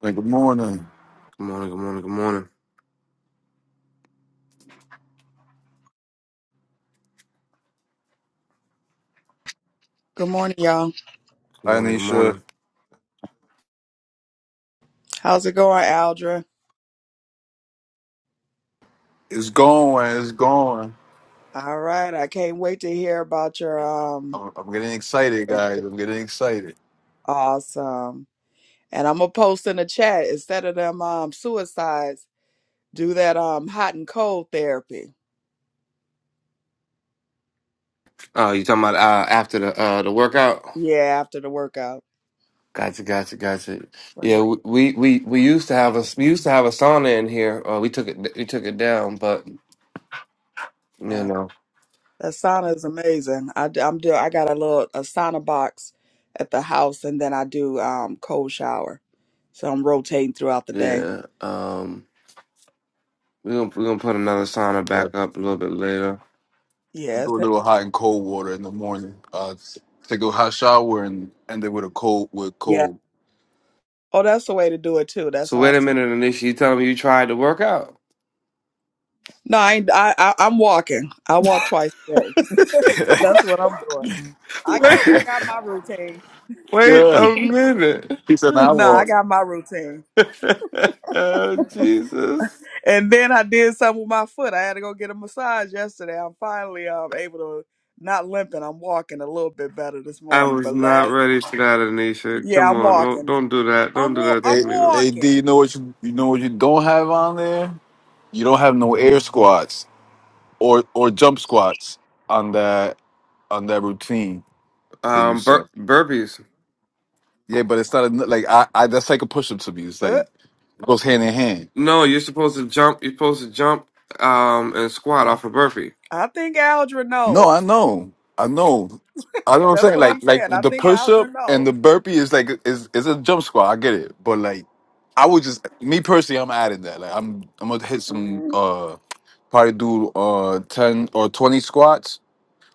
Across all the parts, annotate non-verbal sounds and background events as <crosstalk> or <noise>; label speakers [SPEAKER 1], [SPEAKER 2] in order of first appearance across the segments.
[SPEAKER 1] Hey, Good morning,
[SPEAKER 2] Good morning, good morning, good morning.
[SPEAKER 3] Good morning, y'all.
[SPEAKER 2] Good
[SPEAKER 1] Hi,
[SPEAKER 2] morning, good
[SPEAKER 1] Anisha.
[SPEAKER 2] morning.
[SPEAKER 3] How's it going, Aldra?
[SPEAKER 1] It's going. It's going.
[SPEAKER 3] All right, I can't wait to hear about your um.
[SPEAKER 1] I'm, I'm getting excited, guys. I'm getting excited.
[SPEAKER 3] Awesome, and I'm gonna post in the chat instead of them um suicides. Do that um hot and cold therapy.
[SPEAKER 2] Oh, you talking about uh, after the uh, the workout?
[SPEAKER 3] Yeah, after the workout.
[SPEAKER 2] Gotcha, gotcha, gotcha.
[SPEAKER 3] Well, yeah,
[SPEAKER 2] Yeah, we, we we we used to have a we used to have a sauna in here. Uh, we took it we took it down, but you
[SPEAKER 3] that
[SPEAKER 2] know,
[SPEAKER 3] sauna is amazing. I d- I'm do I got a little a sauna box at the house, and then I do um cold shower, so I'm rotating throughout the day.
[SPEAKER 2] yeah. Um, we gonna we gonna put another sauna
[SPEAKER 1] Yeah,
[SPEAKER 2] back up a little bit later.
[SPEAKER 1] I
[SPEAKER 3] Yes,
[SPEAKER 1] do a little hot and cold water in the morning. Uh, s- take a hot shower and end it with a cold with
[SPEAKER 3] yeah.
[SPEAKER 1] cold.
[SPEAKER 3] Oh, that's the way to do it too. That's
[SPEAKER 2] So wait a
[SPEAKER 3] awesome.
[SPEAKER 2] minute, Anisha. You telling me you tried the workout?
[SPEAKER 3] No, I, ain't- I, I I'm walking. I walk twice a day.
[SPEAKER 1] <laughs>
[SPEAKER 3] That's what I'm doing. I I
[SPEAKER 2] <laughs>
[SPEAKER 3] got my routine.
[SPEAKER 2] Wait, wait
[SPEAKER 1] yeah,
[SPEAKER 2] a minute. <laughs>
[SPEAKER 1] he said. Now I
[SPEAKER 3] No, I
[SPEAKER 1] walk.
[SPEAKER 3] got my routine.
[SPEAKER 2] Oh, Jesus.
[SPEAKER 3] And then I did something with my foot. I had to go get a massage yesterday. I'm finally um able to not limping. I'm walking a little bit better this
[SPEAKER 2] I
[SPEAKER 3] morning.
[SPEAKER 2] was
[SPEAKER 3] But
[SPEAKER 2] not
[SPEAKER 3] last
[SPEAKER 2] ready for that, Anisha.
[SPEAKER 3] yeah,
[SPEAKER 2] Come
[SPEAKER 3] I'm
[SPEAKER 2] on, don't
[SPEAKER 3] walking.
[SPEAKER 2] don't do that. Don't
[SPEAKER 3] I'm
[SPEAKER 2] do
[SPEAKER 3] wa-
[SPEAKER 2] that to
[SPEAKER 3] I'm
[SPEAKER 1] Hey,
[SPEAKER 2] me. no.
[SPEAKER 1] hey, D, you
[SPEAKER 3] walking.
[SPEAKER 1] know what you you know what you don't have on there? You don't have no air squats or or jump squats on that on that routine that you
[SPEAKER 2] Um,
[SPEAKER 1] said.
[SPEAKER 2] bur- burpees.
[SPEAKER 1] Yeah, but it's not a, like I, I that's like a push up to me. It's
[SPEAKER 3] Uh,
[SPEAKER 1] like it goes hand in hand.
[SPEAKER 2] No, you're supposed to jump. You're supposed to jump. Um, and squat off a burpee.
[SPEAKER 3] I think Aldrin
[SPEAKER 1] No, I
[SPEAKER 3] knows.
[SPEAKER 1] know. I know. I know what I'm
[SPEAKER 3] That's
[SPEAKER 1] saying.
[SPEAKER 3] what
[SPEAKER 2] I-
[SPEAKER 1] Like
[SPEAKER 3] I'm
[SPEAKER 1] like
[SPEAKER 3] saying. I
[SPEAKER 1] the
[SPEAKER 3] think
[SPEAKER 1] push up
[SPEAKER 3] Aldrin
[SPEAKER 1] and
[SPEAKER 3] knows.
[SPEAKER 1] the burpee is like is is a jump squat. I get it. But like I would just me personally I'm adding that. Like I'm I'm gonna hit some
[SPEAKER 3] Mm.
[SPEAKER 1] uh probably do uh ten or twenty squats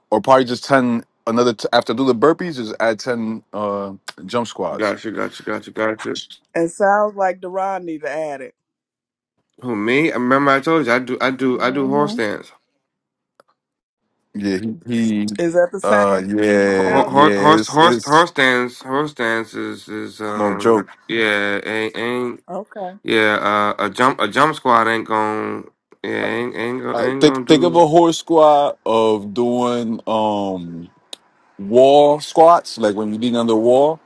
[SPEAKER 1] or probably just ten another t- after I do the burpees just add ten uh jump squats.
[SPEAKER 2] Gotcha, gotcha, gotcha, gotcha.
[SPEAKER 3] It sounds like Deron need to add it.
[SPEAKER 2] Who me? I Remember, I told you I do. I do. I do horse
[SPEAKER 3] hmm
[SPEAKER 2] stands.
[SPEAKER 1] Yeah, he, he
[SPEAKER 3] Is that the
[SPEAKER 1] uh
[SPEAKER 3] same,
[SPEAKER 2] Ho-
[SPEAKER 1] yeah,
[SPEAKER 3] Aldrin?
[SPEAKER 2] ho-
[SPEAKER 1] yeah,
[SPEAKER 2] Horse,
[SPEAKER 1] it's
[SPEAKER 2] horse,
[SPEAKER 1] it's
[SPEAKER 2] horse stands. Horse stands is is
[SPEAKER 1] no joke.
[SPEAKER 2] um yeah ain't ain't
[SPEAKER 3] Okay.
[SPEAKER 2] yeah uh, a jump a jump squat ain't gon' yeah ain't ain't gonna
[SPEAKER 1] Uh,
[SPEAKER 2] ain't
[SPEAKER 1] think
[SPEAKER 2] gonna
[SPEAKER 1] think of
[SPEAKER 2] do.
[SPEAKER 1] a horse squat of doing um wall squats, like when you're leaning on the wall,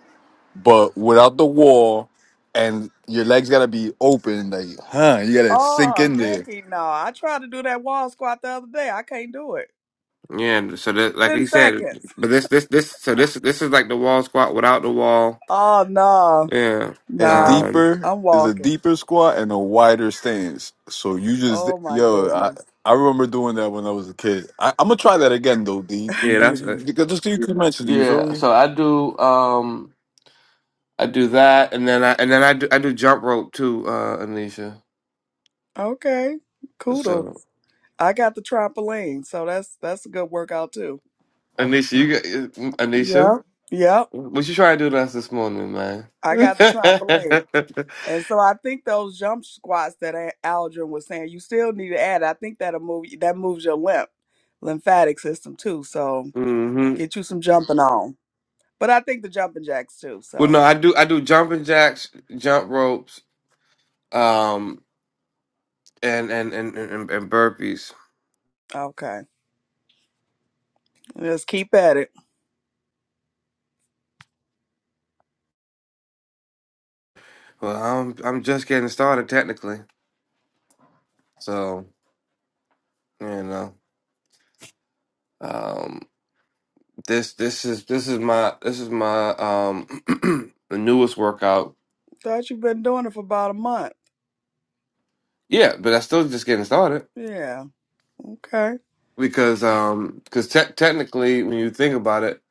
[SPEAKER 1] but without the wall, and your legs gotta be open, like huh, you gotta sink
[SPEAKER 3] Oh,
[SPEAKER 1] in there.
[SPEAKER 3] hecky no. I tried to do that wall squat the other day. I can't do it.
[SPEAKER 2] Yeah, and so that, like he
[SPEAKER 3] 10
[SPEAKER 2] said,
[SPEAKER 3] seconds.
[SPEAKER 2] but this, this, this, so this, this is like the wall squat without the wall.
[SPEAKER 3] Oh, no.
[SPEAKER 2] Yeah,
[SPEAKER 1] And
[SPEAKER 3] No.
[SPEAKER 2] um,
[SPEAKER 1] deeper
[SPEAKER 3] I'm
[SPEAKER 1] is a
[SPEAKER 3] walking.
[SPEAKER 1] deeper squat and a wider stance. So you just
[SPEAKER 3] Oh, my
[SPEAKER 1] yo, I
[SPEAKER 3] goodness.
[SPEAKER 1] I remember doing that when I was a kid. I, I'm gonna try that again though, D.
[SPEAKER 2] yeah, that's it.
[SPEAKER 1] Because just 'cause you mentioned it, you feel
[SPEAKER 2] Yeah,
[SPEAKER 1] me?
[SPEAKER 2] so I do, um, I do that, and then I, and then I do, I do jump rope too, uh, Anisha.
[SPEAKER 3] Okay. Coodle.
[SPEAKER 2] So
[SPEAKER 3] I got the trampoline, so that's that's a good workout too.
[SPEAKER 2] Anisha, you got Anisha,
[SPEAKER 3] Yep. Yep.
[SPEAKER 2] what you trying to do to us this morning, man?
[SPEAKER 3] I got the
[SPEAKER 2] <laughs>
[SPEAKER 3] trampoline. And so I think those jump squats that A- Aldrin was saying, you still need to add. I think that'll move that moves your lymph lymphatic system too. So
[SPEAKER 2] hmm
[SPEAKER 3] get you some jumping on. But I think the jumping jacks too.
[SPEAKER 2] Well,
[SPEAKER 3] So
[SPEAKER 2] no, I do, I do jumping jacks, jump ropes, um, and and and and, and burpees.
[SPEAKER 3] okay, let's keep at it.
[SPEAKER 2] Well, I'm I'm just getting started technically, so you know, um, this this is this is my this is my um <clears throat> the newest workout.
[SPEAKER 3] Thought you've been doing it for about a month.
[SPEAKER 2] Yeah, but I still just getting started
[SPEAKER 3] Yeah. Okay.
[SPEAKER 2] because um because te technically when you think about it,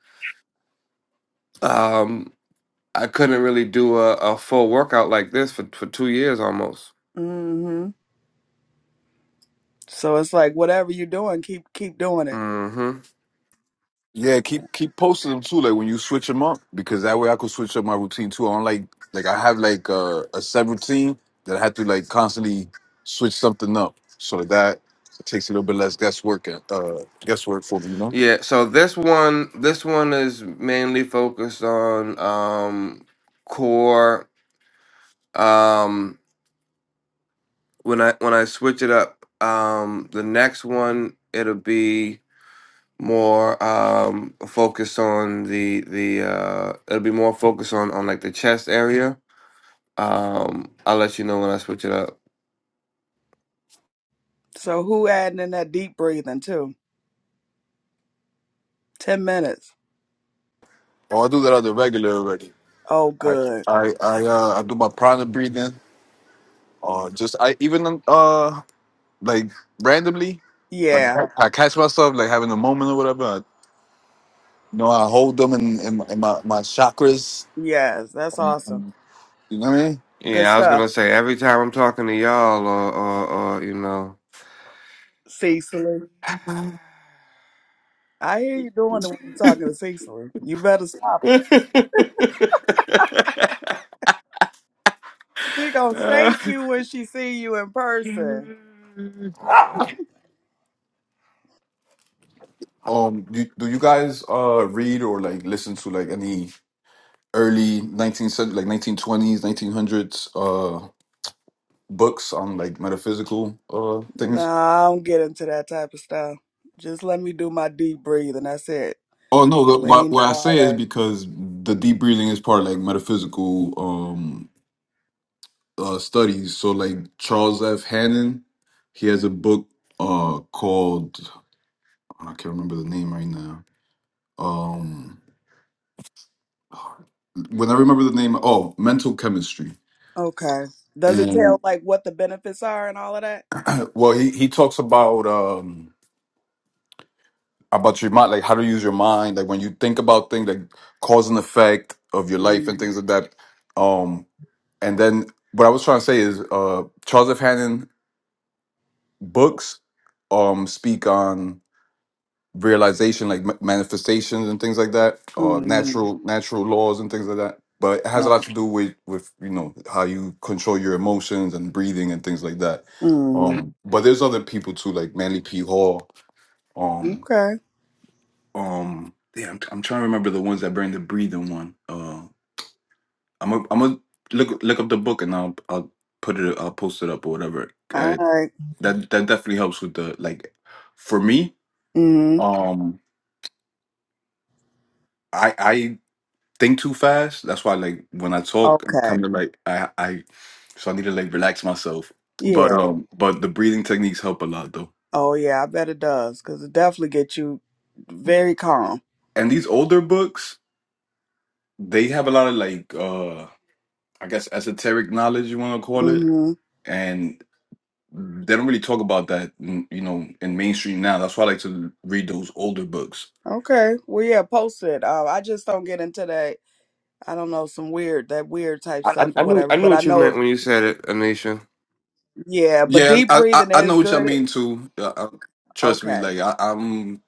[SPEAKER 2] um, I couldn't really do a, a full workout like this for for two years almost.
[SPEAKER 3] Mhm. So it's like whatever you're doing, keep keep doing it.
[SPEAKER 2] hmm
[SPEAKER 1] Yeah, keep
[SPEAKER 3] Yeah.
[SPEAKER 1] keep posting them too. Like when you switch them up, because that way I could switch up my routine too. I don't like like I have like uh, a set routine that I have to like constantly switch something up, so that, that takes a little bit less guesswork and uh, guesswork for me. You know,
[SPEAKER 2] Yeah. So this one this one is mainly focused on um core. Um, when I when I switch it up, um, the next one it'll be more um focused on the the uh it'll be more focused on on like the chest area. Um, I'll let you know when I switch it up.
[SPEAKER 3] So who adding in that deep breathing too? Ten minutes.
[SPEAKER 1] oh, I do that on the regular already.
[SPEAKER 3] Oh,
[SPEAKER 1] I
[SPEAKER 3] good.
[SPEAKER 1] I I uh, I do my prana breathing. Uh, just I even uh like randomly, like
[SPEAKER 3] Yeah.
[SPEAKER 1] I catch myself like having a moment or whatever. I, you know, I hold them in in, my- in my, my chakras.
[SPEAKER 3] Yes. That's awesome.
[SPEAKER 1] You know what I mean?
[SPEAKER 3] Good
[SPEAKER 2] Yeah, I was
[SPEAKER 3] stuff,
[SPEAKER 2] gonna say every time I'm talking to y'all or or, or you know.
[SPEAKER 3] Cecily. I hear you doing it when you're talking to Cecily. You better stop. She gonna thank you when she see you in person.
[SPEAKER 1] Um, do, do you guys uh read or like listen to like any early 19th century, like 1920s, 1900s uh books on like metaphysical uh things?
[SPEAKER 3] Nah, I don't get into that type of stuff. Just let me do my deep breathing. That's it.
[SPEAKER 1] Oh no, the,
[SPEAKER 3] We
[SPEAKER 1] what,
[SPEAKER 3] ain't
[SPEAKER 1] what I
[SPEAKER 3] yeah.
[SPEAKER 1] say is because the deep breathing is part of like metaphysical um uh studies. So like Charles F. Hannon, he has a book uh called I can't remember the name right now. Um when I remember the name, oh, Mental Chemistry
[SPEAKER 3] okay. Does it tell like what the benefits are and all of that?
[SPEAKER 1] Well, he he talks about um about your mind, like how to use your mind, like when you think about things, like cause and effect of your life and
[SPEAKER 3] Mm-hmm.
[SPEAKER 1] things like that. Um, and then what I was trying to say is, uh, Charles F. Hannon books um speak on realization, like ma- manifestations and things like that, uh,
[SPEAKER 3] Mm-hmm.
[SPEAKER 1] natural natural laws and things like that. But it has a lot to do with with you know how you control your emotions and breathing and things like that.
[SPEAKER 3] Mm-hmm.
[SPEAKER 1] Um, but there's other people too, like Manly P. Hall. Um,
[SPEAKER 3] Okay.
[SPEAKER 1] um damn, I'm, I'm trying to remember the ones that bring the breathing one. Uh I'm a, I'm gonna look look up the book and I'll I'll put it I'll post it up or whatever.
[SPEAKER 3] All
[SPEAKER 1] Uh,
[SPEAKER 3] right.
[SPEAKER 1] that that definitely helps with the like for me,
[SPEAKER 3] Mm-hmm.
[SPEAKER 1] um I I think too fast. That's why like when I talk I'm
[SPEAKER 3] Okay.
[SPEAKER 1] kind of like I I so I need to like relax myself. But
[SPEAKER 3] Yeah.
[SPEAKER 1] um but the breathing techniques help a lot though.
[SPEAKER 3] Oh yeah. I bet it does because it definitely gets you very calm.
[SPEAKER 1] And these older books, they have a lot of like uh I guess esoteric knowledge you want to call it.
[SPEAKER 3] hmm
[SPEAKER 1] And they don't really talk about that, mm, you know, in mainstream now. That's why I like to read those older books.
[SPEAKER 3] Okay. Well, yeah, post it. Uh, I just don't get into that. I don't know some weird that weird type
[SPEAKER 2] I, I
[SPEAKER 3] stuff or
[SPEAKER 2] I knew
[SPEAKER 3] whatever.
[SPEAKER 2] I knew
[SPEAKER 3] But I
[SPEAKER 2] what you meant
[SPEAKER 3] know,
[SPEAKER 2] when you said it, Anisha.
[SPEAKER 3] yeah. But
[SPEAKER 1] Yeah,
[SPEAKER 3] deep
[SPEAKER 1] I I,
[SPEAKER 3] breathing
[SPEAKER 1] I
[SPEAKER 3] is
[SPEAKER 1] know what you
[SPEAKER 3] good.
[SPEAKER 1] mean too. Uh, uh, trust me,
[SPEAKER 3] Okay.
[SPEAKER 1] like I, I'm.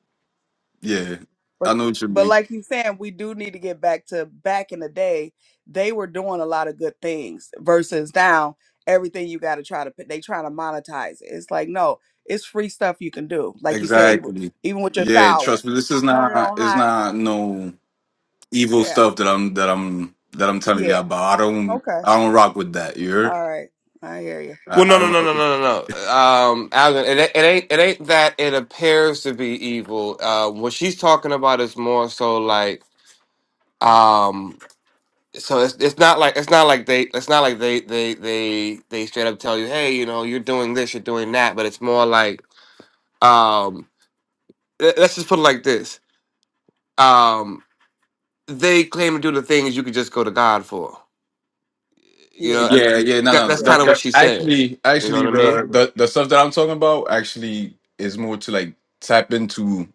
[SPEAKER 1] Yeah,
[SPEAKER 3] But
[SPEAKER 1] I know what you
[SPEAKER 3] but
[SPEAKER 1] mean
[SPEAKER 3] like you saying, we do need to get back to back in the day. They were doing a lot of good things versus now everything you got to try to put. They trying to monetize it. It's like no, it's free stuff you can do. Like you say, even
[SPEAKER 1] exactly.
[SPEAKER 3] even with your
[SPEAKER 1] Yeah,
[SPEAKER 3] shower,
[SPEAKER 1] trust me. This is
[SPEAKER 3] turn it
[SPEAKER 1] not.
[SPEAKER 3] on
[SPEAKER 1] It's
[SPEAKER 3] hot.
[SPEAKER 1] not no evil
[SPEAKER 3] Yeah.
[SPEAKER 1] stuff that I'm that I'm that I'm telling you
[SPEAKER 3] Yeah.
[SPEAKER 1] about. I don't
[SPEAKER 3] Okay.
[SPEAKER 1] I don't rock with that.
[SPEAKER 3] All
[SPEAKER 1] You're.
[SPEAKER 3] right. I hear you.
[SPEAKER 1] I,
[SPEAKER 2] Well,
[SPEAKER 1] I
[SPEAKER 2] no, no, no,
[SPEAKER 1] don't.
[SPEAKER 2] no, no, no, no. Um, Alvin, it, it ain't it ain't that it appears to be evil. Uh, what she's talking about is more so like um. so it's, it's not like it's not like they it's not like they they they they straight up tell you hey you know you're doing this you're doing that but it's more like um le- let's just put it like this um they claim to do the things you could just go to god for you know
[SPEAKER 3] Yeah.
[SPEAKER 2] I-
[SPEAKER 1] Yeah, yeah, no,
[SPEAKER 2] that,
[SPEAKER 1] no. no.
[SPEAKER 2] that's
[SPEAKER 1] The,
[SPEAKER 3] Yeah.
[SPEAKER 2] kind of what
[SPEAKER 1] the,
[SPEAKER 2] she said
[SPEAKER 1] actually,
[SPEAKER 2] you know what
[SPEAKER 1] actually,
[SPEAKER 2] i mean
[SPEAKER 1] the, the the stuff that I'm talking about actually is more to like tap into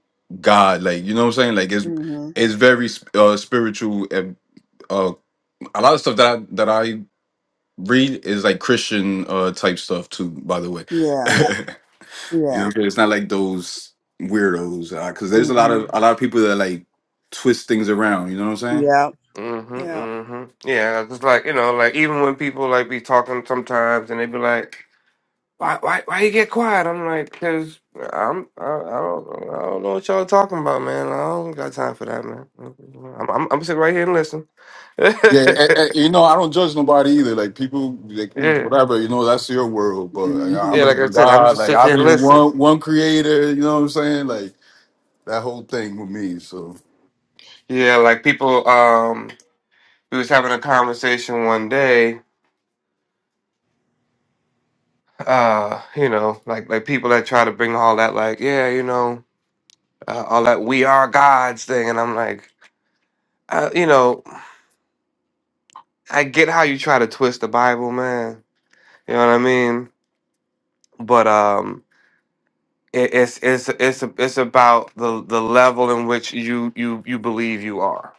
[SPEAKER 1] God, like you know what I'm saying. Like it's
[SPEAKER 3] Mhm.
[SPEAKER 1] it's very sp- uh, spiritual. And, uh, a lot of stuff that I, that I read is like Christian uh, type stuff too. By the way, <laughs> you
[SPEAKER 3] Yeah.
[SPEAKER 1] know, what
[SPEAKER 3] Yeah.
[SPEAKER 1] I'm saying? it's not like those weirdos because there's a lot
[SPEAKER 3] Mhm.
[SPEAKER 1] of a lot of people that like twist things around. You know what I'm saying?
[SPEAKER 3] Yep.
[SPEAKER 2] mm-hmm
[SPEAKER 3] Yep.
[SPEAKER 2] hmm yeah it's like you know like even when people like be talking sometimes and they be like Why, why, why you get quiet? I'm like, cause I'm, I, I don't, I don't know what y'all talking about, man. I don't got time for that, man. I'm, I'm, I'm sitting right here and listen. <laughs> yeah,
[SPEAKER 1] Yeah, eh, eh, you know, I don't judge nobody either. Like people, like
[SPEAKER 2] yeah.
[SPEAKER 1] whatever, you know, that's your world. But like, I
[SPEAKER 3] Mhm.
[SPEAKER 2] Like
[SPEAKER 1] believe
[SPEAKER 2] I
[SPEAKER 1] in
[SPEAKER 2] said, I'm
[SPEAKER 1] God.
[SPEAKER 2] just
[SPEAKER 1] Like
[SPEAKER 2] sitting
[SPEAKER 1] I
[SPEAKER 2] here and
[SPEAKER 1] believe in
[SPEAKER 2] listen.
[SPEAKER 1] one one Creator. You know what I'm saying? Like that whole thing with me. So
[SPEAKER 2] Yeah, like people. Um, we was having a conversation one day. Uh, you know, like like people that try to bring all that, like, yeah, you know, uh, all that we are gods thing, and I'm like, uh, you know, I get how you try to twist the Bible, man. You know what I mean? But um. It, it's it's it's it's about the the level in which you you you believe you are,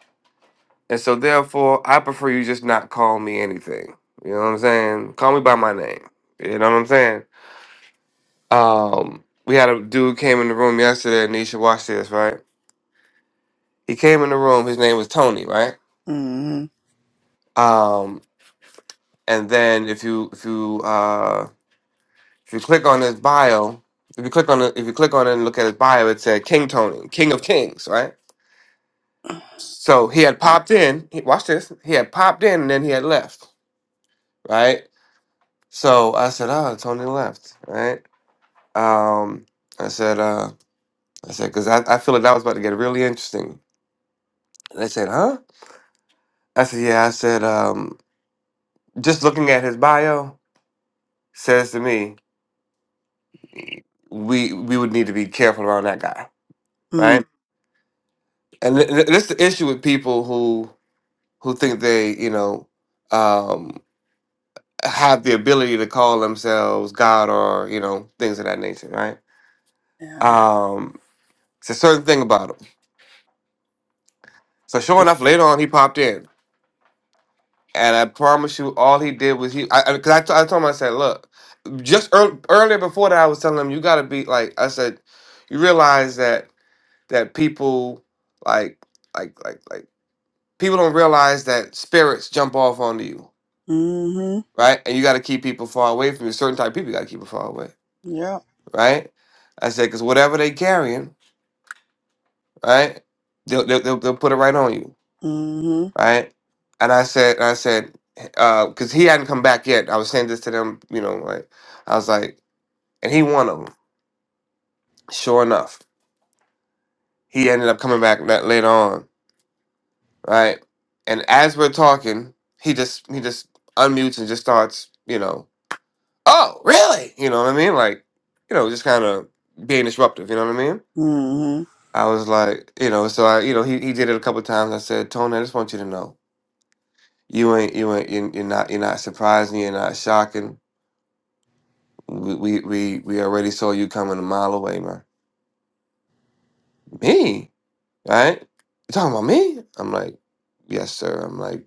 [SPEAKER 2] and so therefore, I prefer you just not call me anything. You know what I'm saying? Call me by my name. You know what I'm saying? Um, we had a dude came in the room yesterday, and you should watch this, right? He came in the room. His name was Tony, right?
[SPEAKER 3] Mhm.
[SPEAKER 2] Um, and then if you if you uh if you click on his bio, if you click on it, if you click on it and look at his bio, it said King Tony, King of Kings, right? So he had popped in. He, watch this. He had popped in and then he had left. Right. So I said, "Oh, Tony left." Right. Um, I said, uh, "I said because I, I feel like that was about to get really interesting." And they said, "Huh?" I said, "Yeah." I said, um, "Just looking at his bio says to me, we we would need to be careful around that guy,
[SPEAKER 3] Mm.
[SPEAKER 2] right?" And th- th- this is the issue with people who who think they, you know. um, have the ability to call themselves God or you know things of that nature, right?
[SPEAKER 3] Yeah.
[SPEAKER 2] Um, it's a certain thing about him. So sure enough, later on he popped in, and I promise you, all he did was he. I because I, 'cause I, t- I told him I said, look, just ear- earlier before that, I was telling him you got to be like I said, you realize that that people like like like like people don't realize that spirits jump off onto you,
[SPEAKER 3] Mhm.
[SPEAKER 2] right? And you got to keep people far away from you. Certain type of people you got to keep them far away,
[SPEAKER 3] Yep.
[SPEAKER 2] right? I said because whatever they carrying right? They'll, they'll, they'll, they'll put it right on you,
[SPEAKER 3] Mhm.
[SPEAKER 2] right? And I said, I said, because he hadn't come back yet. I was saying this to them, you know, like I was like, and he won them. Sure enough, he ended up coming back that later on, right? And as we're talking, he just he just unmutes and just starts, you know, oh really? You know what I mean? Like, you know, just kind of being disruptive. You know what I mean?
[SPEAKER 3] Mhm.
[SPEAKER 2] I was like, you know, so I, you know, he, he did it a couple times. I said, Tony, I just want you to know. You ain't you ain't you're you're not you're not surprising. You're not shocking. We we we, we already saw you coming a mile away, man. Me, right? You talking about me? I'm like, yes, sir. I'm like,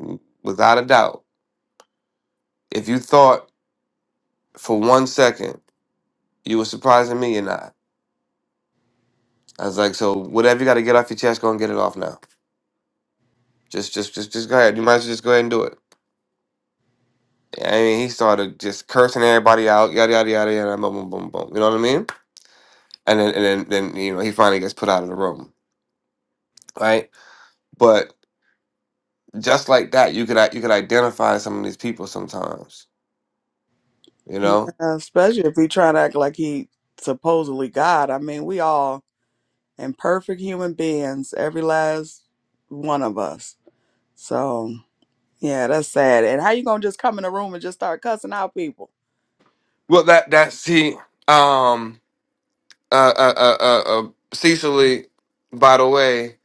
[SPEAKER 2] "Mm, without a doubt. If you thought for one second you were surprising me, you're not. I was like, so whatever you got to get off your chest, go and get it off now. Just just just just go ahead. You might as well just go ahead and do it. I mean, he started just cursing everybody out, yada yada yada yada, boom boom boom boom. You know what I mean? And then and then then you know he finally gets put out of the room. right? But just like that, you could i- you could identify some of these people sometimes, you
[SPEAKER 3] Yeah.
[SPEAKER 2] know.
[SPEAKER 3] Especially if he try to act like he supposedly God. I mean, we all imperfect human beings, every last one of us. So yeah, that's sad. And how you gonna just come in a room and just start cussing out people?
[SPEAKER 2] Well, that that see, um, uh, uh, uh, uh, uh Cecily, by the way,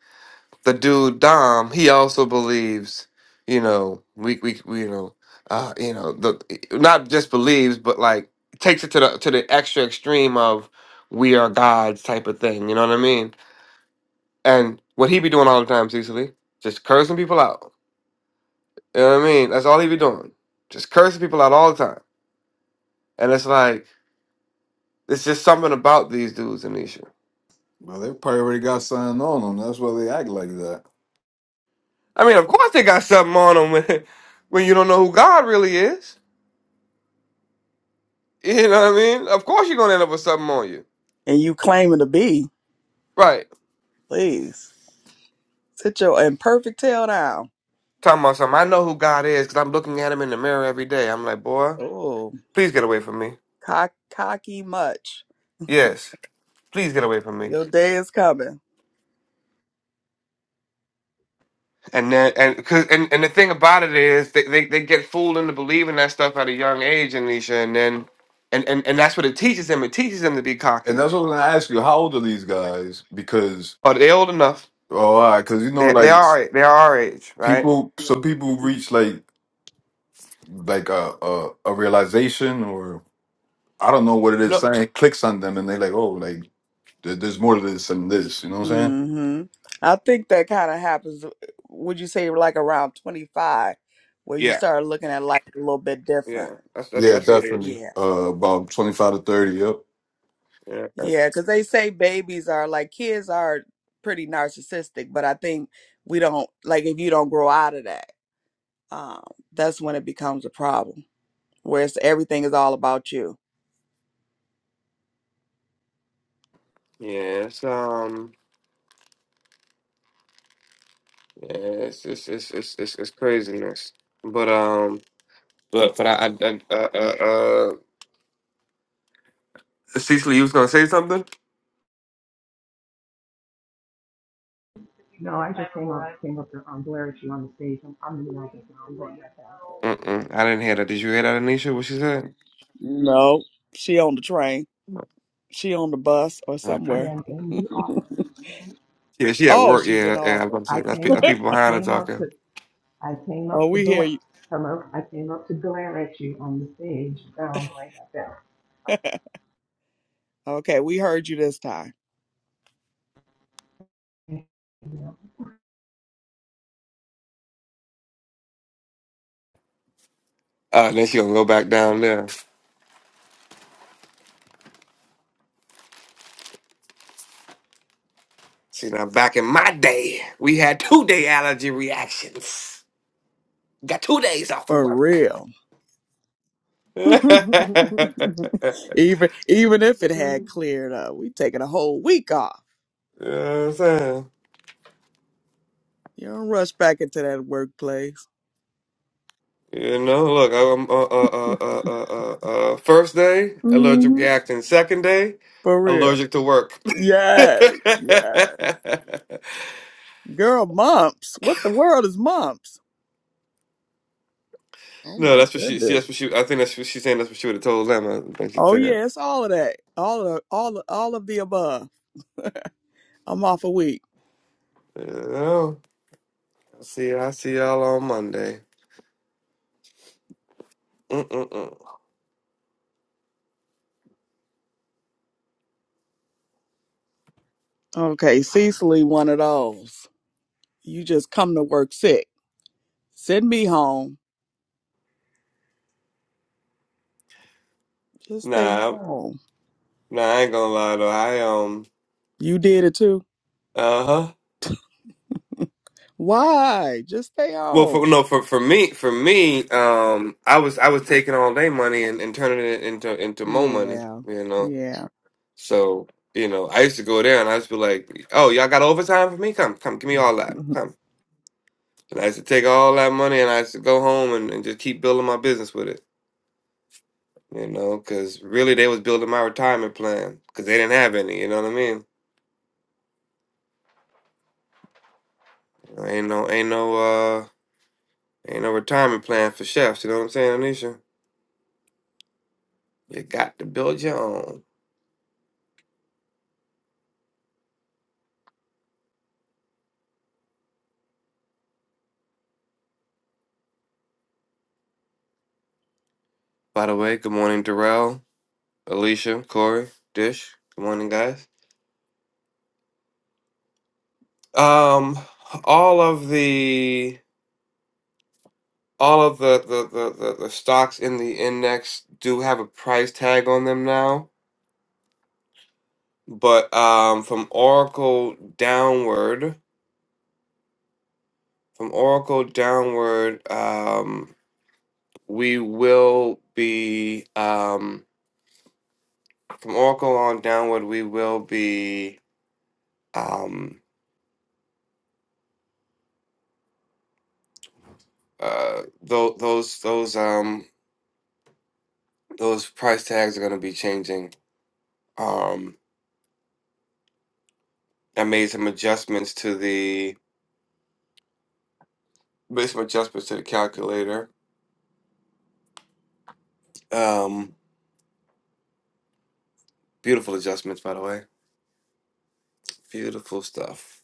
[SPEAKER 2] the dude Dom, he also believes, you know, we we, we you know, uh, you know, the not just believes, but like takes it to the to the extra extreme of we are gods type of thing. You know what I mean? And what he be doing all the time, Cecily, just cursing people out You know what I mean? That's all he be doing. Just cursing people out all the time. And it's like, it's just something about these dudes, Anisha.
[SPEAKER 1] Well, they probably already got signed on them. That's why they act like that.
[SPEAKER 2] I mean, of course they got something on them when, <laughs> when you don't know who God really is. <laughs> You know what I mean? Of course you're going to end up with something on you.
[SPEAKER 3] And you claiming to be,
[SPEAKER 2] Right.
[SPEAKER 3] please. Sit your imperfect tail down.
[SPEAKER 2] Talking about something. I know who God is because I'm looking at him in the mirror every day. I'm like, boy,
[SPEAKER 3] Oh,
[SPEAKER 2] please get away from me.
[SPEAKER 3] cock, cocky much.
[SPEAKER 2] Yes. Please get away from me.
[SPEAKER 3] Your day is coming.
[SPEAKER 2] And then, and cause and and the thing about it is, they, they, they get fooled into believing that stuff at a young age, Anisha. And then, and, and, and that's what it teaches them. It teaches them to be
[SPEAKER 1] And
[SPEAKER 2] cocky.
[SPEAKER 1] that's what I'm gonna ask you. How old are these guys? Because
[SPEAKER 2] Oh, they're old enough.
[SPEAKER 1] oh, all right, because you know,
[SPEAKER 2] They they
[SPEAKER 1] like
[SPEAKER 2] are our- they are our age, right?
[SPEAKER 1] people, some people reach like like a, a a realization, or I don't know what it is.
[SPEAKER 2] No.
[SPEAKER 1] Something clicks on them, and they like, oh, like there- there's more to this than this. You know what I'm saying?
[SPEAKER 3] hmm I think that kind of happens. uh, Would you say like around twenty five, where you
[SPEAKER 2] Yeah.
[SPEAKER 3] start looking at life a little bit different?
[SPEAKER 2] Yeah. That's that's
[SPEAKER 1] Yeah,
[SPEAKER 2] that's the age.
[SPEAKER 1] definitely.
[SPEAKER 3] Yeah,
[SPEAKER 1] Uh, about twenty-five to thirty. Yep.
[SPEAKER 2] Yeah.
[SPEAKER 3] yeah. Because they say babies are like kids are pretty narcissistic, but I think we don't like if you don't grow out of that. Um, that's when it becomes a problem. Whereas everything is all about you.
[SPEAKER 2] Yeah. It's um. Yeah. It's it's it's it's it's, it's craziness. But um. But but I, I, I uh, uh uh. Cecily, you was gonna say something?
[SPEAKER 4] No, I just came up came up to um, glare at you on the stage. I'm, I'm in the office now. I'm going back out.
[SPEAKER 2] Mm mm. I didn't hear that. Did you hear that, Anisha? What she said?
[SPEAKER 3] No, she on the train.
[SPEAKER 2] No.
[SPEAKER 3] She on the bus or
[SPEAKER 4] I
[SPEAKER 3] somewhere.
[SPEAKER 4] am in
[SPEAKER 3] <laughs>
[SPEAKER 4] the office.
[SPEAKER 2] Yeah, she at
[SPEAKER 3] Oh,
[SPEAKER 2] work.
[SPEAKER 3] she's in
[SPEAKER 2] Yeah,
[SPEAKER 3] the
[SPEAKER 2] yeah. I'm
[SPEAKER 3] office.
[SPEAKER 2] about to say
[SPEAKER 4] I
[SPEAKER 2] that's, pe-
[SPEAKER 4] came
[SPEAKER 2] that's
[SPEAKER 4] up.
[SPEAKER 2] people
[SPEAKER 4] I
[SPEAKER 2] behind her
[SPEAKER 4] came up to.
[SPEAKER 2] talking.
[SPEAKER 4] I came
[SPEAKER 3] Oh,
[SPEAKER 4] up to
[SPEAKER 3] we hear
[SPEAKER 4] glare.
[SPEAKER 3] you.
[SPEAKER 4] Hello. I came up to glare at you on the stage. Now I'm going back
[SPEAKER 3] <laughs> okay, we heard you this time.
[SPEAKER 4] down.
[SPEAKER 2] Uh, then she gonna go back down there. See now, back in my day, we had two day allergy reactions. Got two days off of
[SPEAKER 3] For
[SPEAKER 2] work.
[SPEAKER 3] real.
[SPEAKER 2] <laughs>
[SPEAKER 3] <laughs>
[SPEAKER 2] you know
[SPEAKER 3] even even if it had cleared up, we taking a whole week off.
[SPEAKER 2] what I'm saying?
[SPEAKER 3] You don't rush back into that workplace.
[SPEAKER 2] You know, look, I'm uh, uh, uh, uh, uh, uh, uh, first day allergic reaction. Second day,
[SPEAKER 3] For real.
[SPEAKER 2] allergic to work. <laughs> no,
[SPEAKER 3] Yes. Yes. Girl, mumps. What the world is mumps? Oh my
[SPEAKER 2] that's what she. See,
[SPEAKER 3] goodness.
[SPEAKER 2] that's what she. I think that's what she's saying. That's what she would have told them. I think she
[SPEAKER 3] Oh
[SPEAKER 2] said.
[SPEAKER 3] yeah, it's all of that. All of all of, all of the above. I'm off a week.
[SPEAKER 2] You know? See, I see y'all on Monday. Mm-mm-mm.
[SPEAKER 3] Okay, Cecily, one of those. You just come to work sick. Send me home. Just stay
[SPEAKER 2] Nah,
[SPEAKER 3] home.
[SPEAKER 2] nah, I ain't gonna lie though. I um,
[SPEAKER 3] You did it too.
[SPEAKER 2] uh huh.
[SPEAKER 3] Why? Just stay
[SPEAKER 2] Well, for
[SPEAKER 3] home.
[SPEAKER 2] no, for for me, for me, um, I was I was taking all day money and, and turning it into into more money.
[SPEAKER 3] Yeah.
[SPEAKER 2] You know,
[SPEAKER 3] Yeah.
[SPEAKER 2] so you know, I used to go there and I used to be like, "Oh, y'all got overtime for me? Come, come, give me all that.
[SPEAKER 3] <laughs>
[SPEAKER 2] Come." And I used to take all that money and I used to go home and, and just keep building my business with it. You know, because really they was building my retirement plan because they didn't have any. You know what I mean? Ain't no ain't no uh ain't no retirement plan for chefs, you know what I'm saying, Anisha? You got to build your own. By the way, good morning, Darrell, Alicia, Corey, Dish. Good morning, guys. Um all of the all of the the, the, the the stocks in the index do have a price tag on them now. But um from Oracle downward from Oracle downward, um we will be um From Oracle on downward, we will be um uh tho- those those um those price tags are going to be changing. Um, I made some adjustments to the made some adjustments to the calculator. Um, beautiful adjustments, by the way. Beautiful stuff.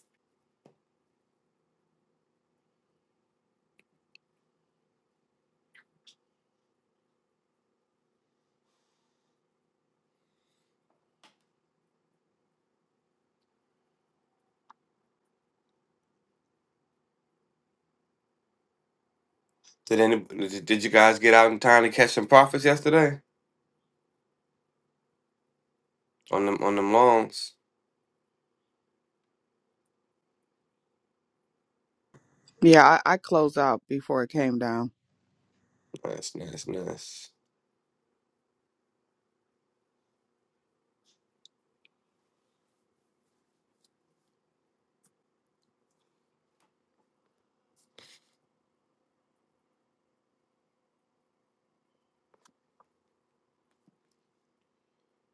[SPEAKER 2] Did any did did you guys get out in time to catch some profits yesterday on them on them longs?
[SPEAKER 3] Yeah, I, I closed out before it came down.
[SPEAKER 2] Nice, nice, nice.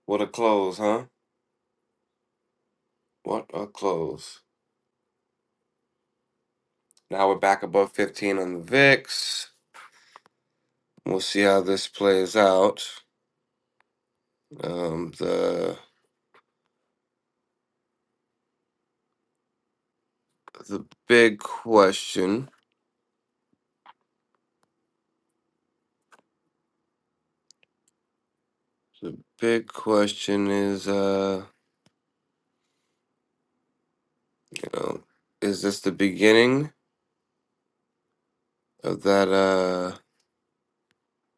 [SPEAKER 2] What a close, huh? What a close. Now we're back above 15 on the VIX. We'll see how this plays out. Um, the the big question, big question is, uh, you know, is this the beginning of that uh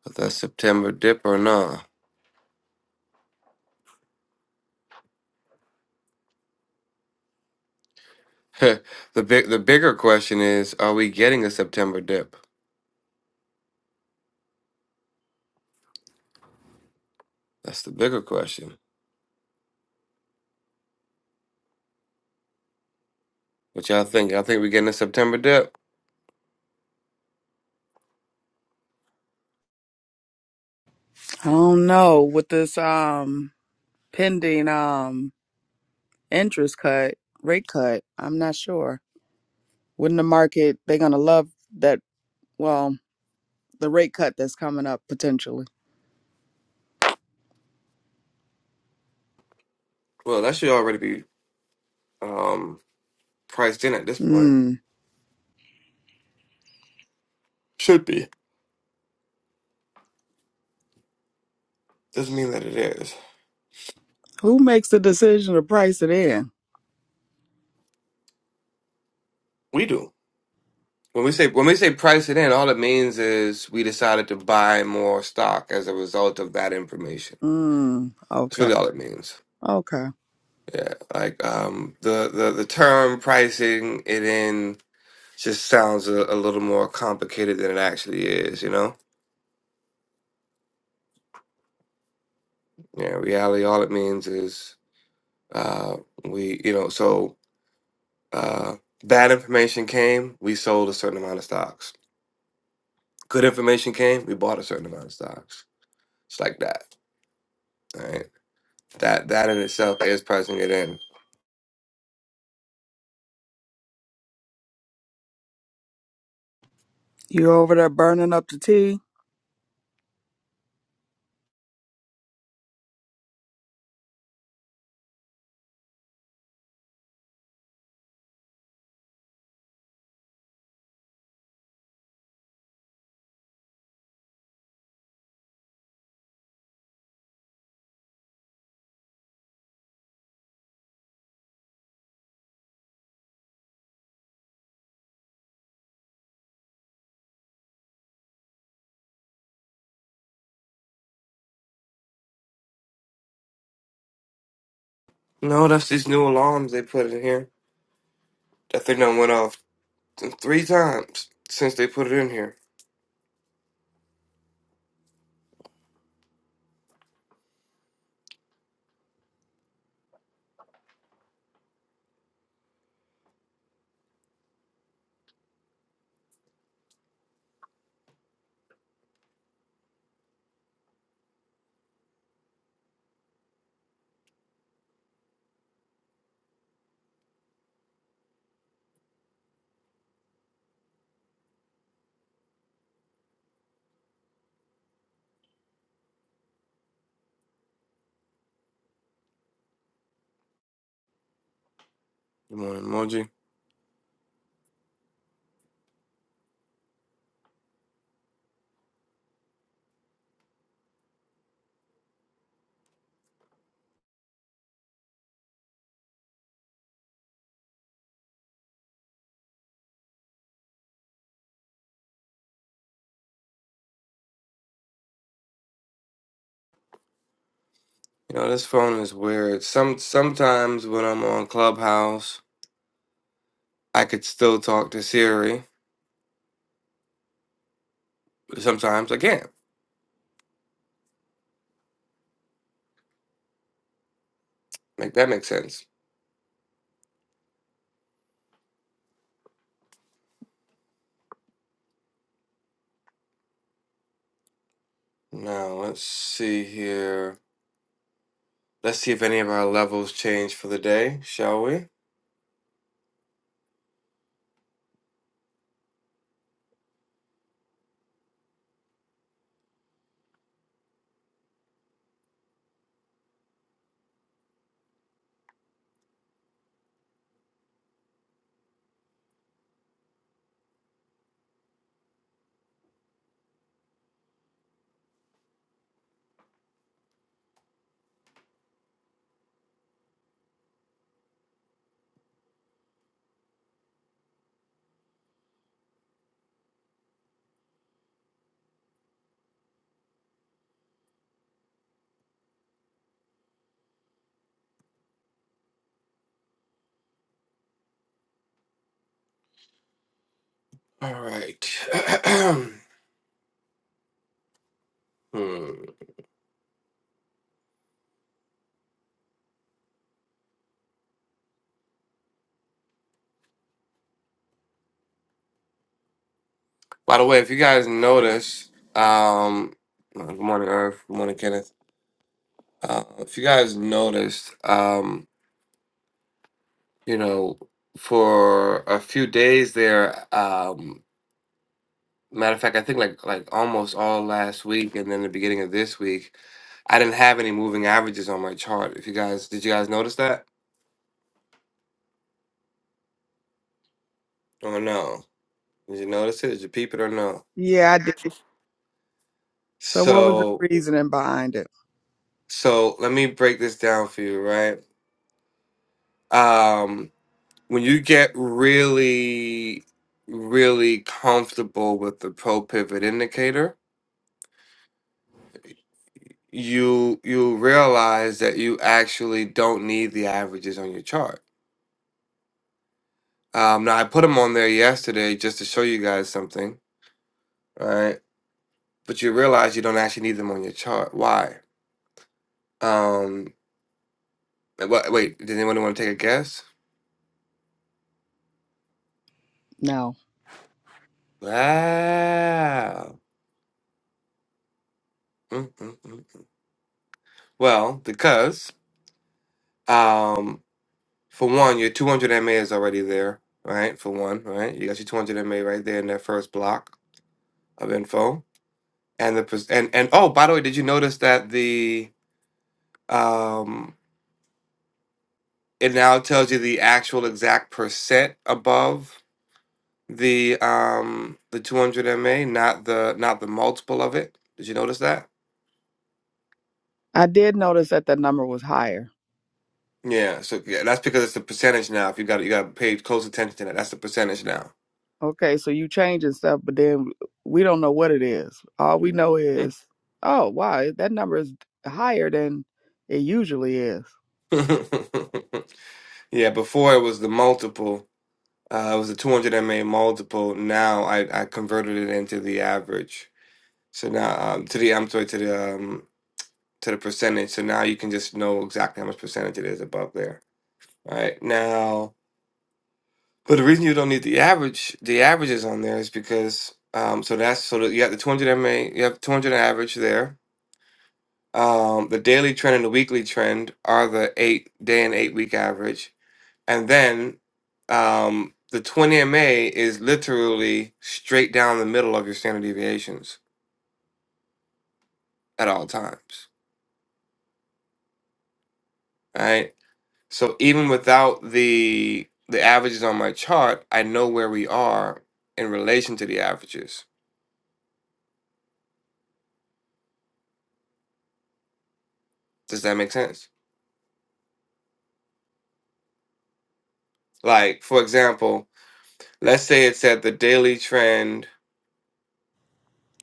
[SPEAKER 2] of that September dip or not? <laughs> the big the bigger question is, are we getting a September dip? That's the bigger question. What y'all think? Y'all think we're getting a September dip?
[SPEAKER 3] I don't know with this. Um, pending um interest cut, rate cut. I'm not sure. Wouldn't the market they're gonna love that well, the rate cut that's coming up potentially.
[SPEAKER 2] Well, that should already be um priced in at this point.
[SPEAKER 3] Mm.
[SPEAKER 2] Should be. Doesn't mean that it is.
[SPEAKER 3] Who makes the decision to price it in?
[SPEAKER 2] We do. When we say when we say price it in, all it means is we decided to buy more stock as a result of that information.
[SPEAKER 3] Mm.
[SPEAKER 2] That's
[SPEAKER 3] Okay.
[SPEAKER 2] really all it means.
[SPEAKER 3] Okay.
[SPEAKER 2] Yeah, like um, the the the term pricing it in just sounds a, a little more complicated than it actually is. You know, yeah. in Reality, all it means is uh, we you know so uh, bad information came, we sold a certain amount of stocks. Good information came, we bought a certain amount of stocks. It's like that. Right? That that in itself is pressing it in.
[SPEAKER 3] You over there burning up the tea?
[SPEAKER 2] No, that's these new alarms they put in here. That thing done went off th- three times since they put it in here. Good morning, Moji. You know this phone is weird. Some sometimes when I'm on Clubhouse, I could still talk to Siri. But sometimes I can't. Make that make sense. Now let's see here. Let's see if any of our levels change for the day, shall we? All right. <clears throat> hmm. By the way, if you guys noticed, um, no, good morning, Earth. Good morning, Kenneth. Uh, if you guys noticed, um, you know, for a few days there, um, matter of fact, I think like like almost all last week, and then the beginning of this week, I didn't have any moving averages on my chart. If you guys, did you guys notice that or no? Did you notice it? Did you peep it or no?
[SPEAKER 3] Yeah, I did. So what was the
[SPEAKER 2] So,
[SPEAKER 3] reasoning behind it?
[SPEAKER 2] so let me break this down for you, right? Um, when you get really really comfortable with the pro pivot indicator you you realize that you actually don't need the averages on your chart um, now i put them on there yesterday just to show you guys something all right but you realize you don't actually need them on your chart why um wha- wait does anyone want to take a guess
[SPEAKER 3] No.
[SPEAKER 2] wow Mm, mm, mm. well because um For one, your 200 MA is already there, right? For one, right? You got your 200 MA right there in that first block of info. And the pers- and and oh, by the way, did you notice that the um it now tells you the actual exact percent above the um the 200 MA, not the not the multiple of it? Did you notice that?
[SPEAKER 3] I did notice that the number was higher.
[SPEAKER 2] Yeah, so yeah, that's because it's the percentage now. If you got you got to pay close attention to that, that's the percentage now.
[SPEAKER 3] Okay, so you changing stuff, but then we don't know what it is. All we know is, oh wow, that number is higher than it usually is.
[SPEAKER 2] <laughs> yeah, before it was the multiple Uh, it was a 200 MA multiple. Now I, I converted it into the average. So now um, to the I'm sorry to the um, to the percentage. So now you can just know exactly how much percentage it is above there. All right now, but the reason you don't need the average, the averages on there is because um, so that's so that you have the 200 MA, you have 200 average there. Um, the daily trend and the weekly trend are the eight day and eight week average And then um, the 20 MA is literally straight down the middle of your standard deviations at all times, right? So even without the the averages on my chart, I know where we are in relation to the averages. Does that make sense? Like for example, let's say it said the daily trend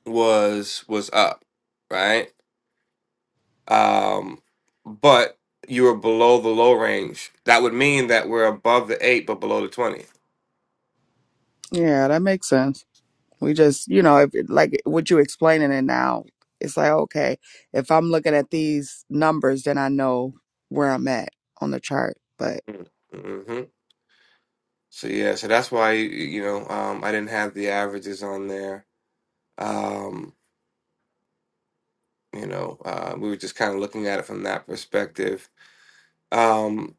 [SPEAKER 2] was was up, right? Um, but you were below the low range. That would mean that we're above the eight but below the twenty
[SPEAKER 3] Yeah, that makes sense. We just, you know, if like what you explaining it now, it's like okay, if I'm looking at these numbers, then I know where I'm at on the chart. But
[SPEAKER 2] Mm-hmm. So yeah, so that's why you know um, I didn't have the averages on there. Um, you know, uh, we were just kind of looking at it from that perspective. Um,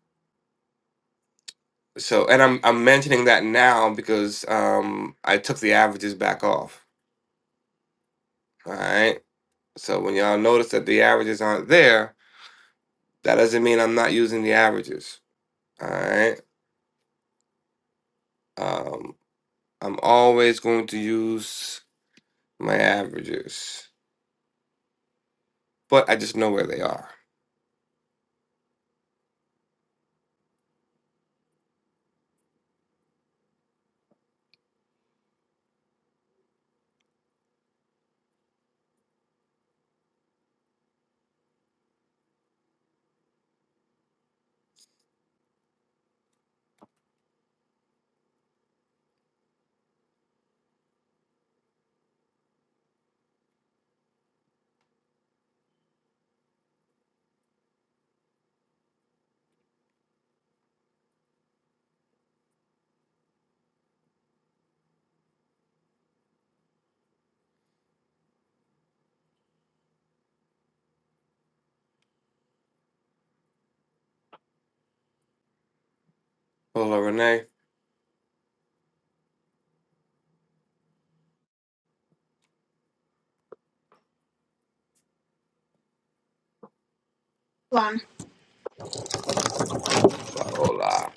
[SPEAKER 2] so, and I'm I'm mentioning that now because um, I took the averages back off. All right. So when y'all notice that the averages aren't there, that doesn't mean I'm not using the averages. All right. Um, I'm always going to use my averages, but I just know where they are. Hello, Renee.
[SPEAKER 5] One.
[SPEAKER 2] Hola.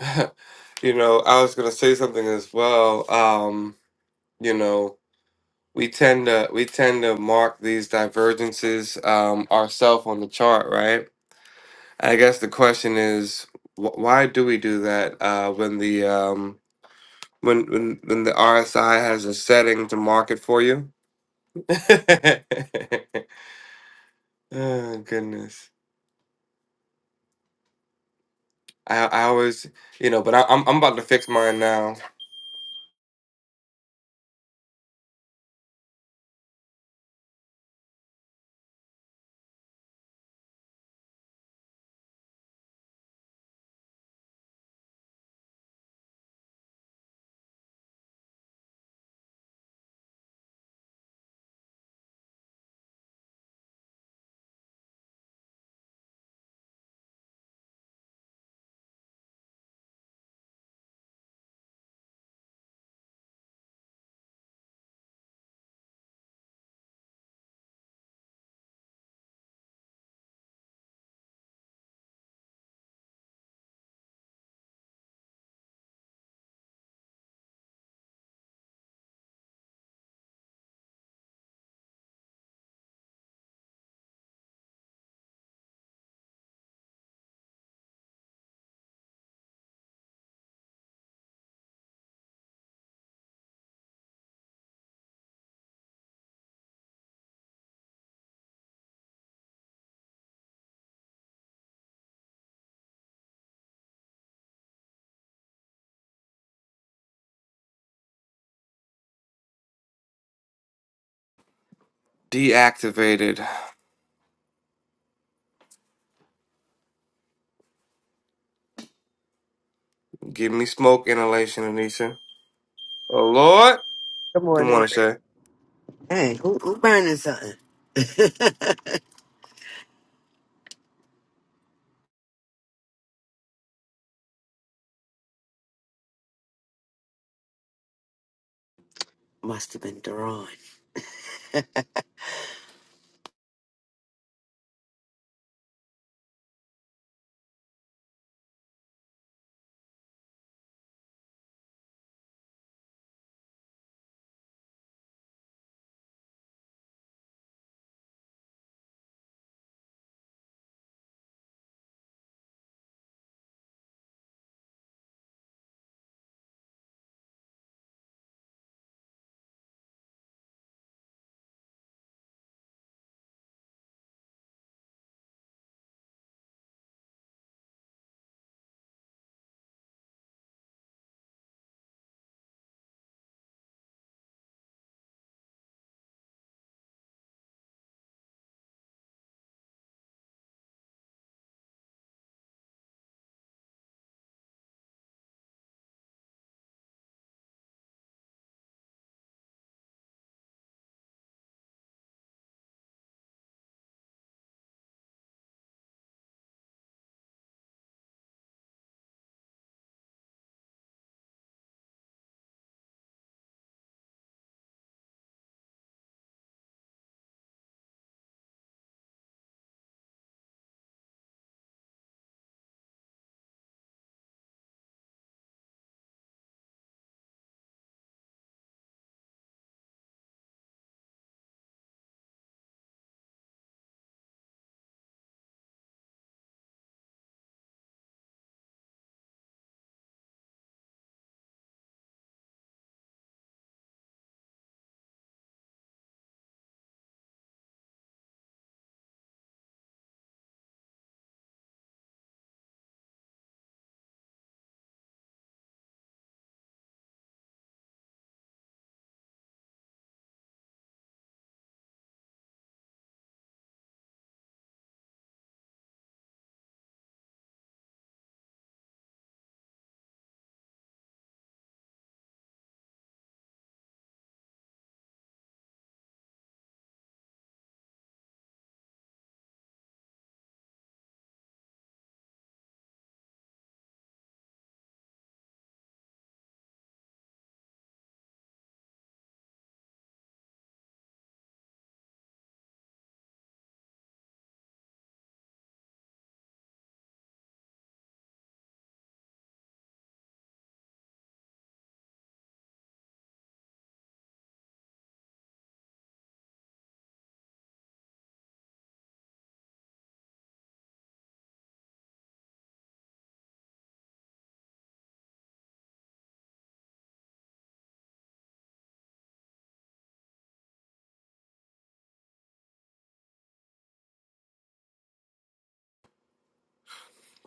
[SPEAKER 2] <laughs> You know, I was gonna say something as well. Um, you know, we tend to we tend to mark these divergences um ourselves on the chart, right? I guess the question is wh why do we do that uh when the um when when when the RSI has a setting to mark it for you? <laughs> Oh goodness. I I always, you know, but I, I'm I'm about to fix mine now. Deactivated. Give me smoke inhalation, Anisha. Oh Lord,
[SPEAKER 6] Good
[SPEAKER 2] good
[SPEAKER 6] morning.
[SPEAKER 2] morning, Shay.
[SPEAKER 6] Hey, who, who burning something? <laughs> Must have been Daron.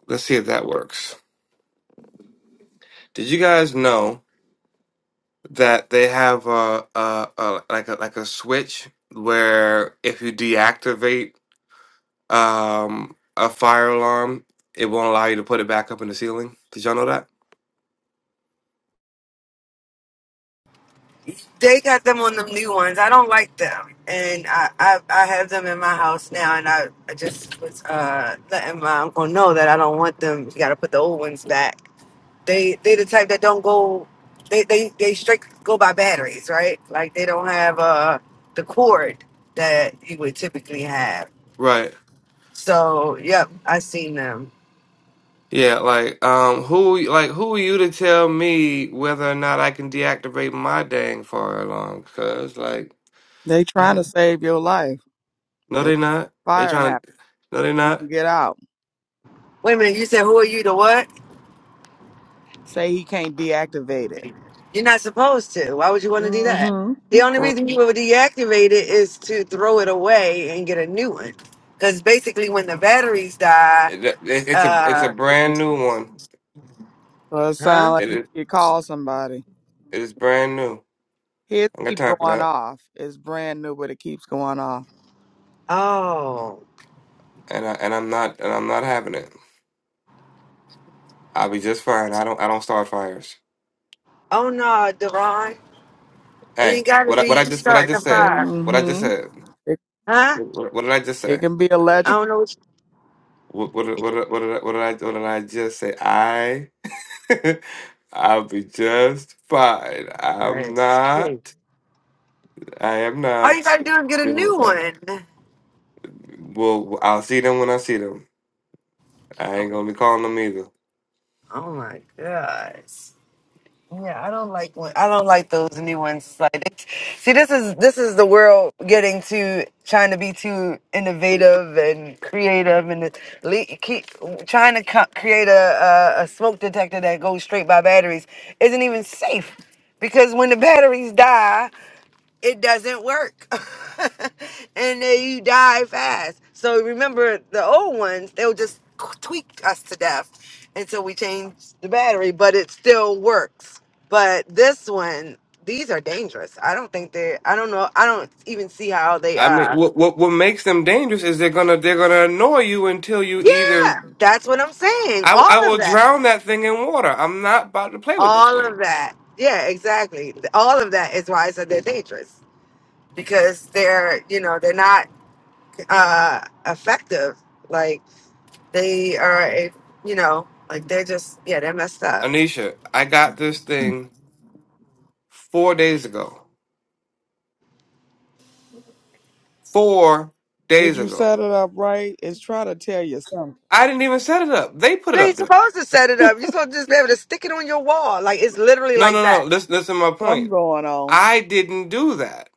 [SPEAKER 2] Let's see if that works. Did you guys know that they have a, a, a like a like a switch where if you deactivate um, a fire alarm, it won't allow you to put it back up in the ceiling? Did y'all know that?
[SPEAKER 6] They got them on the new ones. I don't like them, and I I, I have them in my house now, and I, I just was uh letting my uncle know that I don't want them. You got to put the old ones back. They they the type that don't go. They they they straight go by batteries, right? Like they don't have uh the cord that you would typically have.
[SPEAKER 2] Right.
[SPEAKER 6] So yep, I seen them.
[SPEAKER 2] Yeah, like um who like who are you to tell me whether or not I can deactivate my dang fire alarm? Cause like
[SPEAKER 3] they trying
[SPEAKER 2] yeah.
[SPEAKER 3] to save your life.
[SPEAKER 2] no
[SPEAKER 3] If
[SPEAKER 2] they not. They
[SPEAKER 3] fire
[SPEAKER 2] trying to
[SPEAKER 3] happens,
[SPEAKER 2] no they
[SPEAKER 3] you
[SPEAKER 2] not.
[SPEAKER 3] can get out.
[SPEAKER 6] Wait a minute, you said who are you? The what?
[SPEAKER 3] Say he can't deactivate it.
[SPEAKER 6] You're not supposed to. Why would you want to do that?
[SPEAKER 3] Mm-hmm.
[SPEAKER 6] The only
[SPEAKER 3] For. real.
[SPEAKER 6] reason you would deactivate it is to throw it away and get a new one. Because basically, when the batteries die,
[SPEAKER 2] It, it, it's a it's a
[SPEAKER 6] uh,
[SPEAKER 2] brand new one.
[SPEAKER 3] Well, it sounds
[SPEAKER 6] huh?
[SPEAKER 3] like
[SPEAKER 2] It
[SPEAKER 3] you
[SPEAKER 2] is
[SPEAKER 3] need to call somebody.
[SPEAKER 2] it is brand new.
[SPEAKER 3] His
[SPEAKER 2] I ain't got
[SPEAKER 3] keep
[SPEAKER 2] time for
[SPEAKER 3] going
[SPEAKER 2] that,
[SPEAKER 3] off. It's brand new, but it keeps going off.
[SPEAKER 6] Oh,
[SPEAKER 2] and I and I'm not and I'm not having it. I'll be just fine. I don't I don't start fires.
[SPEAKER 6] oh no, Devon. It
[SPEAKER 2] Hey,
[SPEAKER 6] ain't got to
[SPEAKER 2] what I, what
[SPEAKER 6] be
[SPEAKER 2] I
[SPEAKER 6] you
[SPEAKER 2] just what I
[SPEAKER 6] starting a
[SPEAKER 2] just said.
[SPEAKER 6] fire,
[SPEAKER 2] What I just
[SPEAKER 3] Mm-hmm.
[SPEAKER 2] said.
[SPEAKER 3] It,
[SPEAKER 6] huh?
[SPEAKER 2] What, what did I just
[SPEAKER 3] it
[SPEAKER 2] say?
[SPEAKER 3] can be
[SPEAKER 6] I
[SPEAKER 3] electric.
[SPEAKER 6] don't know what
[SPEAKER 2] What what did-
[SPEAKER 6] you
[SPEAKER 2] what
[SPEAKER 6] think.
[SPEAKER 2] did- what did I, what did I what did I just say? I <laughs> I'll be just fine. I'm
[SPEAKER 6] That's crazy.
[SPEAKER 2] not. I am
[SPEAKER 6] All you
[SPEAKER 2] not
[SPEAKER 6] gotta do is get a
[SPEAKER 2] dealing with
[SPEAKER 6] new
[SPEAKER 2] that.
[SPEAKER 6] one.
[SPEAKER 2] Well, I'll see them when I see them. I
[SPEAKER 6] Oh,
[SPEAKER 2] ain't gonna be calling them either.
[SPEAKER 6] oh my gosh. Yeah, I don't like when, I don't like those new ones. Like, it- see, this is this is the world getting too trying to be too innovative and creative, and it le- keep trying to co- create a, a a smoke detector that goes straight by batteries isn't even safe because when the batteries die it doesn't work. <laughs> and then you die fast. So remember the old ones, they'll just tweak us to death until we change the battery, but it still works. But this one, these are dangerous. I don't think they I don't know. I don't even see how they
[SPEAKER 2] I mean,
[SPEAKER 6] uh
[SPEAKER 2] what what what makes them dangerous is they're gonna they're gonna annoy you until you
[SPEAKER 6] Yeah,
[SPEAKER 2] either.
[SPEAKER 6] that's what I'm saying.
[SPEAKER 2] I I
[SPEAKER 6] All
[SPEAKER 2] will
[SPEAKER 6] of that.
[SPEAKER 2] drown that thing in water. I'm not about to play with this
[SPEAKER 6] All
[SPEAKER 2] thing,
[SPEAKER 6] of that. Yeah, exactly. All of that is why I said they're dangerous. Because they're, you know, they're not uh effective. Like They are a, you know, like they're just, yeah, they're messed up.
[SPEAKER 2] Anisha. I got this thing four days ago. Four
[SPEAKER 3] Did
[SPEAKER 2] days
[SPEAKER 3] you
[SPEAKER 2] ago.
[SPEAKER 3] set it up right? It's trying to tell you something.
[SPEAKER 2] I didn't even set it up. They put it
[SPEAKER 6] You
[SPEAKER 2] up
[SPEAKER 6] ain't
[SPEAKER 2] there.
[SPEAKER 6] supposed to set it up. You're supposed to just be able to stick it on your wall. Like it's literally
[SPEAKER 2] No,
[SPEAKER 6] like
[SPEAKER 2] no,
[SPEAKER 6] that.
[SPEAKER 2] no. Listen, listen. To my
[SPEAKER 3] Something
[SPEAKER 2] point.
[SPEAKER 3] going on.
[SPEAKER 2] I didn't do that.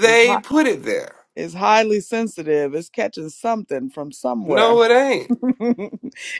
[SPEAKER 3] It's hot.
[SPEAKER 2] put it there.
[SPEAKER 3] It's highly sensitive. It's catching something from somewhere.
[SPEAKER 2] No, it ain't.
[SPEAKER 3] <laughs>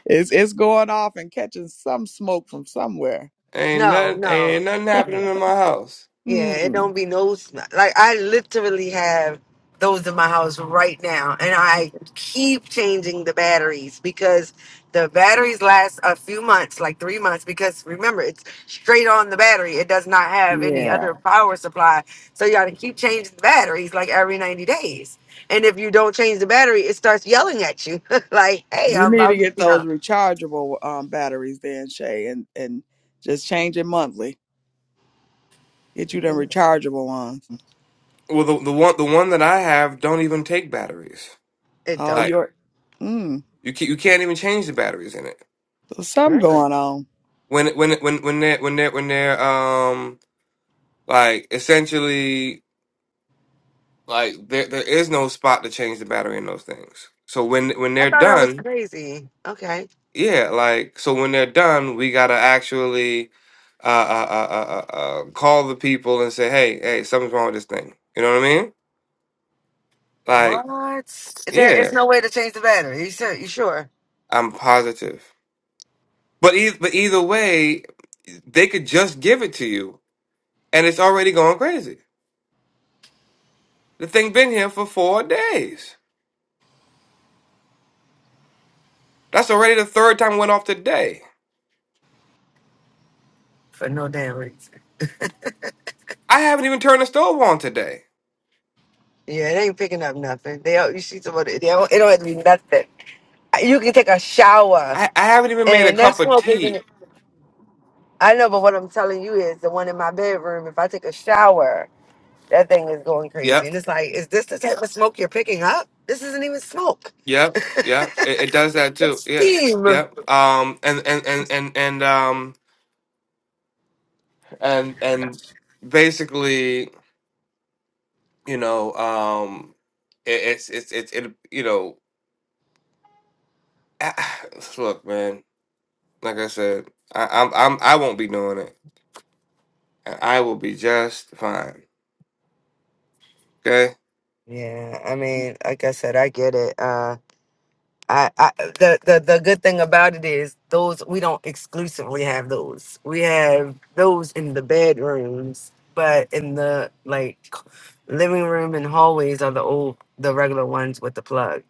[SPEAKER 3] it's it's going off and catching some smoke from somewhere.
[SPEAKER 2] Ain't
[SPEAKER 6] No,
[SPEAKER 2] nothing.
[SPEAKER 6] no.
[SPEAKER 2] Ain't nothing
[SPEAKER 6] Mm.
[SPEAKER 2] happening in my house.
[SPEAKER 6] Yeah, it
[SPEAKER 3] Hmm.
[SPEAKER 6] don't be no sm- like I literally have those in my house right now, and I keep changing the batteries because the batteries last a few months, like three months. Because remember, it's straight on the battery; it does not have any
[SPEAKER 3] Yeah.
[SPEAKER 6] other power supply. So you got to keep changing the batteries like every ninety days. And if you don't change the battery, it starts yelling at you, <laughs> like, "Hey,
[SPEAKER 3] You
[SPEAKER 6] I'm
[SPEAKER 3] need to
[SPEAKER 6] about,"
[SPEAKER 3] get
[SPEAKER 6] you
[SPEAKER 3] those
[SPEAKER 6] know,
[SPEAKER 3] rechargeable um, batteries then, Shay, and and just change it monthly. Get you them rechargeable ones.
[SPEAKER 2] Well, the the one the one that I have don't even take batteries.
[SPEAKER 6] it
[SPEAKER 3] Oh,
[SPEAKER 2] Like,
[SPEAKER 6] don't.
[SPEAKER 3] your mm.
[SPEAKER 2] You can, you can't even change the batteries in it
[SPEAKER 3] So something
[SPEAKER 6] Really?
[SPEAKER 3] going on.
[SPEAKER 2] when when when when they're when they're when they're um like essentially like there there is no spot to change the battery in those things. So when when
[SPEAKER 6] I
[SPEAKER 2] they're
[SPEAKER 6] thought that was
[SPEAKER 2] done,
[SPEAKER 6] crazy. Okay.
[SPEAKER 2] yeah, like so when they're done, we gotta actually uh uh uh uh, uh uh, call the people and say, hey hey, something's wrong with this thing. You know what I mean? Like
[SPEAKER 6] What? There is
[SPEAKER 2] yeah,
[SPEAKER 6] no way to change the battery. You sure? You sure?
[SPEAKER 2] I'm positive. But either but either way, they could just give it to you, and it's already going crazy. The thing been here for four days. That's already the third time it went off today.
[SPEAKER 6] For no damn reason.
[SPEAKER 2] I haven't even turned the stove on today.
[SPEAKER 6] Yeah, it ain't picking up nothing. They don't, you see somebody. They don't, it don't have to be nothing. You can take a shower,
[SPEAKER 2] I, I haven't even made a
[SPEAKER 6] and that
[SPEAKER 2] cup of
[SPEAKER 6] smoke isn't. it?
[SPEAKER 2] tea.
[SPEAKER 6] I know, but what I'm telling you is the one in my bedroom. If I take a shower, that thing is going crazy,
[SPEAKER 2] Yep,
[SPEAKER 6] and it's like, is this the type of smoke you're picking up? This isn't even smoke.
[SPEAKER 2] yep,
[SPEAKER 6] <laughs>
[SPEAKER 2] yep. It, it does that too.
[SPEAKER 6] It's
[SPEAKER 2] Yeah,
[SPEAKER 6] steam.
[SPEAKER 2] yep. Um, and and and and and um and and basically, you know, um, it, it's it's it's it. You know, <sighs> look, man. Like I said, I, I'm I'm I won't be doing it. and I will be just fine. Okay.
[SPEAKER 6] Yeah, I mean, like I said, I get it. Uh, I, I the, the the good thing about it is those we don't exclusively have those. We have those in the bedrooms, but in the like living room and hallways are the old the regular ones with the plug.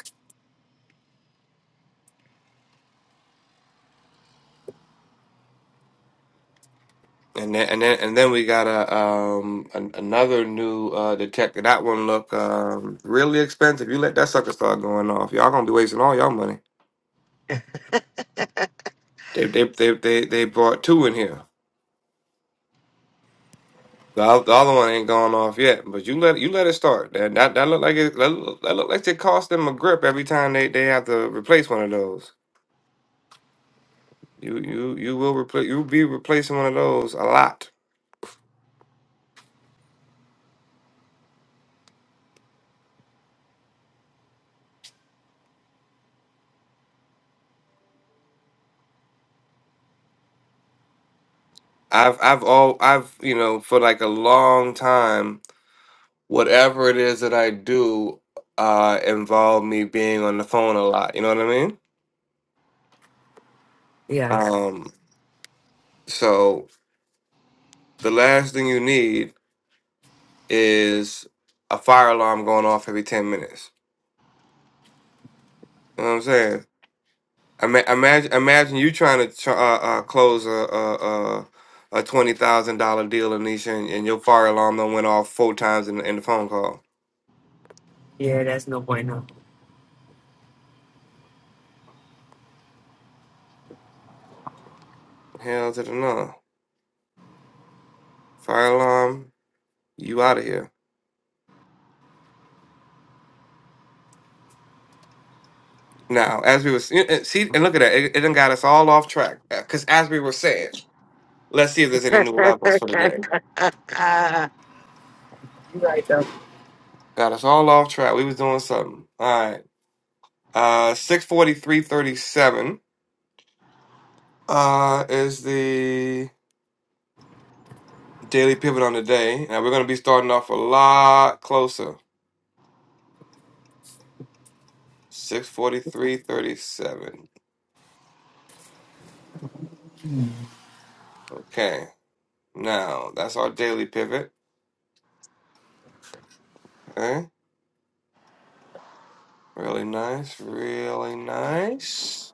[SPEAKER 2] And then and then and then we got a um an, another new uh detector. That one look um really expensive. You let that sucker start going off, y'all gonna be wasting all y'all money. They they they they they brought two in here. The, oth- the other one ain't gone off yet, but you let you let it start. That that, that look like it that look, that look like it cost them a grip every time they, they have to replace one of those. You you you will replace you'll be replacing one of those a lot. I've I've all I've you know for like a long time whatever it is that I do uh involve me being on the phone a lot. You know what I mean?
[SPEAKER 6] Yeah.
[SPEAKER 2] Um so the last thing you need is a fire alarm going off every 10 minutes. You know what I'm saying? Ima- imagine imagine you trying to tr- uh, uh, close a a, a a twenty thousand dollar deal, Anisha, and, and your fire alarm done went off four times in, the- in the phone call.
[SPEAKER 6] Yeah, that's no bueno.
[SPEAKER 2] Hell to the no! Fire alarm, you out of here. Now, as we was eh, eh, see, and look at that, it, it done got us all off track. Because as we were saying, let's see if there's any new levels for today.
[SPEAKER 6] <laughs> You right though.
[SPEAKER 2] Got us all off track. We was doing something. All right. Uh, six forty three thirty seven. Uh, is the daily pivot on the day. Now we're gonna be starting off a lot closer. Six forty three thirty seven. Okay. Now that's our daily pivot. Okay. Really nice. Really nice.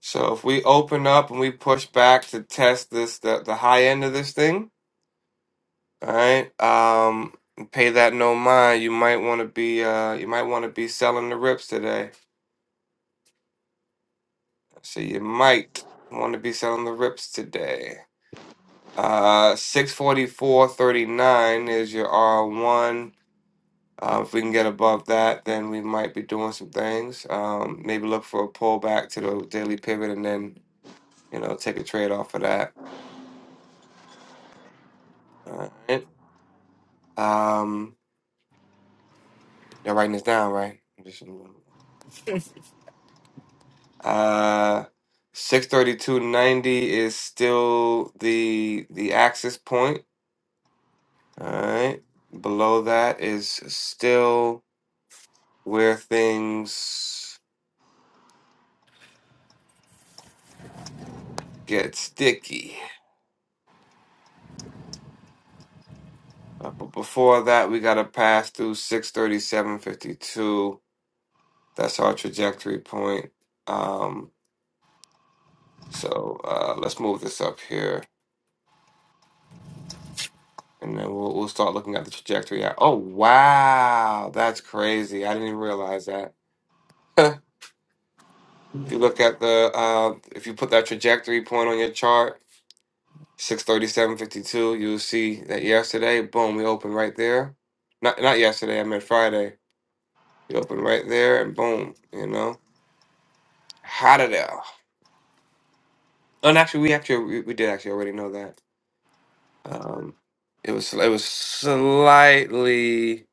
[SPEAKER 2] So if we open up and we push back to test this the, the high end of this thing, all right? Um pay that no mind. You might want to be uh you might want to be selling the rips today. So you might want to be selling the rips today. Uh 644.39 is your R1. Uh, if we can get above that, then we might be doing some things. Um, maybe look for a pullback to the daily pivot and then, you know, take a trade off of that. All right. Um, you are writing this down, right? just-
[SPEAKER 6] <laughs>
[SPEAKER 2] Uh, six thirty two ninety is still the the axis point. All right. Below that is still where things get sticky. Uh, but before that, we gotta pass through six thirty seven fifty two. That's our trajectory point. Um, so uh, let's move this up here. and then we'll we'll start looking at the trajectory. At, oh wow, that's crazy! I didn't even realize that. <laughs> if you look at the uh, if you put that trajectory point on your chart, six thirty seven fifty two, you'll see that yesterday, boom, we opened right there. Not not yesterday, I meant Friday. We opened right there, and boom, you know, how it out. And actually, we actually we we did actually already know that. Um, it was it was slightly.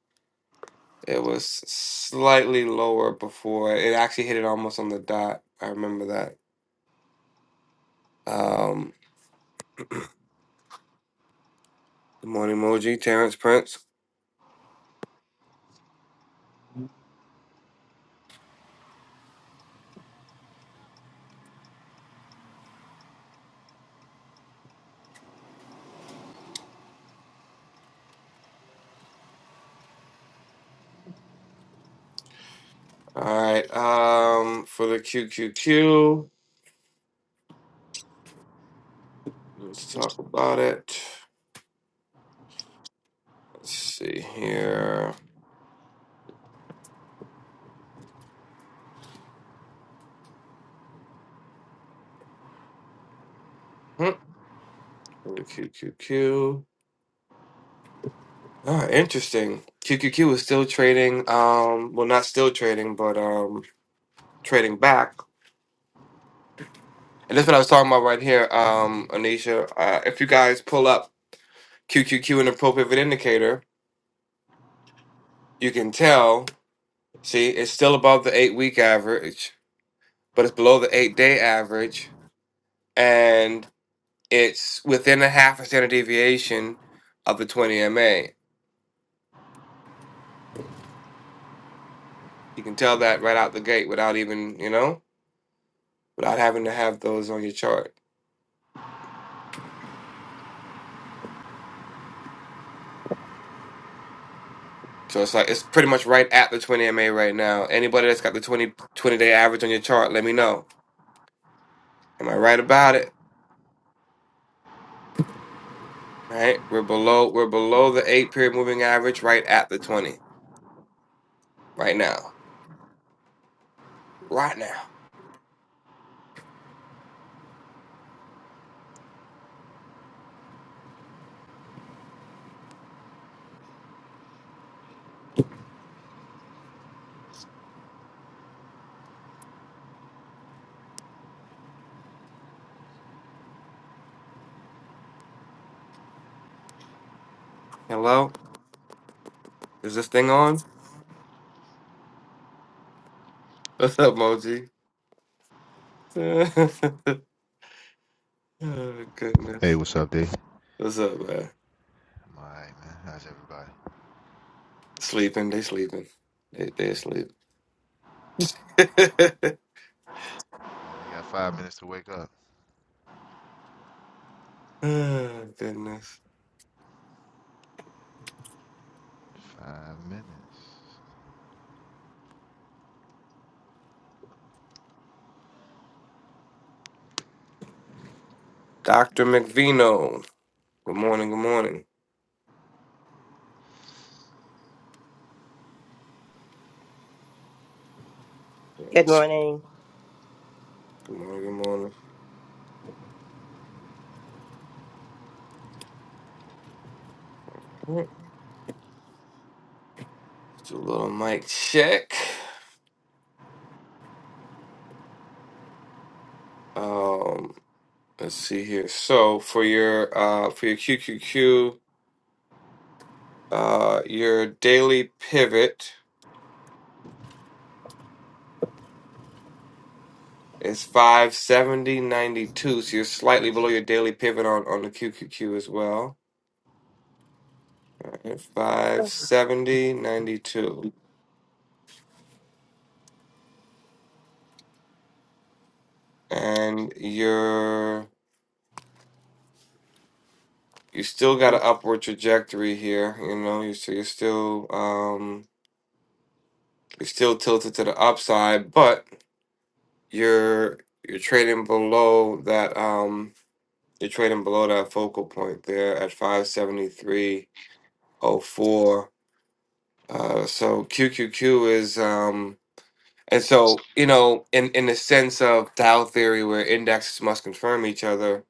[SPEAKER 2] It was slightly lower before. It actually hit it almost on the dot. I remember that. Um, good morning, Moji, Terrence Prince. All right. Um, for the QQQ, let's talk about it. Let's see here. Hmm, For the QQQ. Ah, interesting. QQQ is still trading. Um, well, not still trading, but um, trading back. And that's what I was talking about right here, um, Anisha. Uh, if you guys pull up QQQ, an appropriate indicator, you can tell, see, it's still above the eight week average, but it's below the eight day average, and it's within a half a standard deviation of the 20 MA. You can tell that right out the gate without even, you know, without having to have those on your chart. So it's like it's pretty much right at the 20 MA right now. Anybody that's got the twenty twenty day average on your chart, let me know. Am I right about it? Right? We're below we're below the 8 period moving average right at the 20 right now. Right now. Hello? Is this thing on? What's up, Moji? <laughs> oh,
[SPEAKER 7] Hey,
[SPEAKER 2] goodness.
[SPEAKER 7] what's up, D? I'm
[SPEAKER 2] What's up, man?
[SPEAKER 7] all right, man. How's everybody?
[SPEAKER 2] Sleeping. They sleeping. They they
[SPEAKER 7] Mm.
[SPEAKER 2] asleep. <laughs> oh,
[SPEAKER 7] Yeah, they got five minutes to wake up.
[SPEAKER 2] goodness.
[SPEAKER 7] Five minutes.
[SPEAKER 2] Doctor McVino. Good morning. Good morning.
[SPEAKER 8] Good
[SPEAKER 2] Yes.
[SPEAKER 8] morning.
[SPEAKER 2] Good morning. Good morning. All right. Let's do a little mic check. Um, let's see here. So for your uh for your Q Q Q uh, your daily pivot. It's five seventy ninety two, So you're slightly below your daily pivot on, on the QQQ as well. All right, five seventy ninety two, And you're you still got an upward trajectory here, you know, you so you're still um you're still tilted to the upside, but you're you're trading below that um you're trading below that focal point there at 573.04. Uh so QQQ is um And so, you know, in in the sense of Dow theory, where indexes must confirm each other,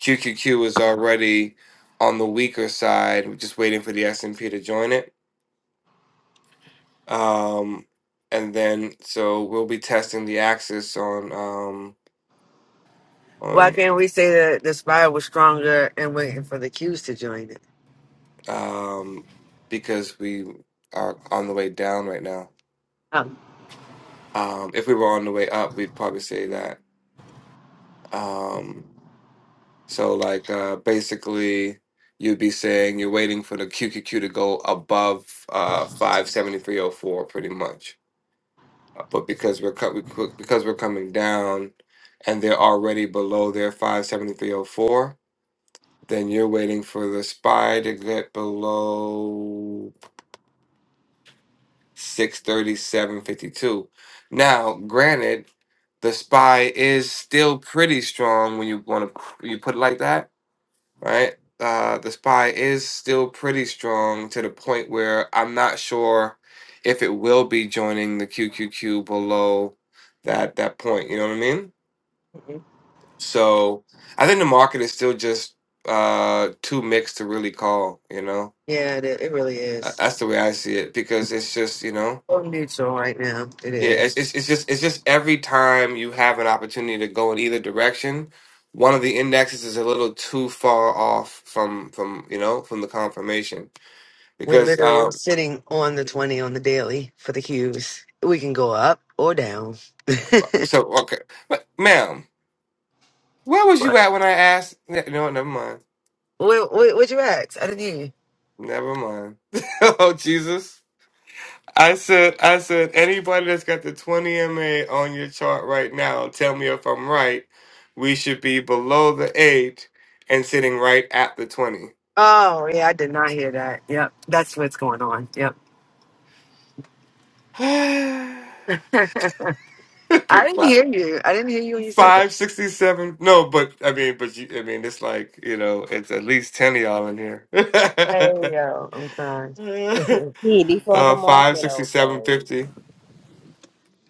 [SPEAKER 2] QQQ is already on the weaker side. We're just waiting for the S and P to join it. Um, and then, so we'll be testing the axis on um,
[SPEAKER 6] Why
[SPEAKER 2] on
[SPEAKER 6] can't we say that the spire was stronger and waiting for the cues to join it?
[SPEAKER 2] um, because we are on the way down right now.
[SPEAKER 6] Um,
[SPEAKER 2] Um, if we were on the way up, we'd probably say that. Um, So like uh, basically, you'd be saying you're waiting for the QQQ to go above uh, 573.04 pretty much. Uh, But because we're co- we, co- because we're coming down, and they're already below their 573.04, then you're waiting for the SPY to get below 637.52. Now, granted, the SPY is still pretty strong when you want to you put it like that right? Uh, the SPY is still pretty strong to the point where I'm not sure if it will be joining the QQQ below that that point. You know what I mean? So I think the market is still just uh, too mixed to really call. You know,
[SPEAKER 6] yeah, it, it really
[SPEAKER 2] Uh,
[SPEAKER 6] is.
[SPEAKER 2] that's the way I see it because it's just you know.
[SPEAKER 6] So neutral right now. It
[SPEAKER 2] Yeah,
[SPEAKER 6] is.
[SPEAKER 2] it's, it's it's just it's just every time you have an opportunity to go in either direction, one of the indexes is a little too far off from from you know from the confirmation.
[SPEAKER 6] We're
[SPEAKER 2] because
[SPEAKER 6] literally
[SPEAKER 2] um
[SPEAKER 6] sitting on the 20 on the daily for the cues. We can go up or down. <laughs>
[SPEAKER 2] so okay but ma'am where was you
[SPEAKER 6] what?
[SPEAKER 2] at when i asked ne- no never mind
[SPEAKER 6] What, what, what you ask? I didn't hear you.
[SPEAKER 2] never mind <laughs> oh jesus i said i said anybody that's got the 20 ma on your chart right now tell me if i'm right we should be below the 8 and sitting right at the 20
[SPEAKER 6] Oh, yeah, I did not hear that. Yep. That's what's going on. Yep.
[SPEAKER 2] <sighs> Fi-
[SPEAKER 6] <laughs> I didn't hear you. I didn't hear you when you said that.
[SPEAKER 2] 567 no but i mean but you i mean it's like you know it's at least 10 of y'all in here
[SPEAKER 6] Hey, yo, I'm crying. <laughs>
[SPEAKER 2] <laughs>
[SPEAKER 8] Hey, before the
[SPEAKER 2] Uh, five
[SPEAKER 8] market
[SPEAKER 2] sixty seven
[SPEAKER 8] opens,
[SPEAKER 2] fifty.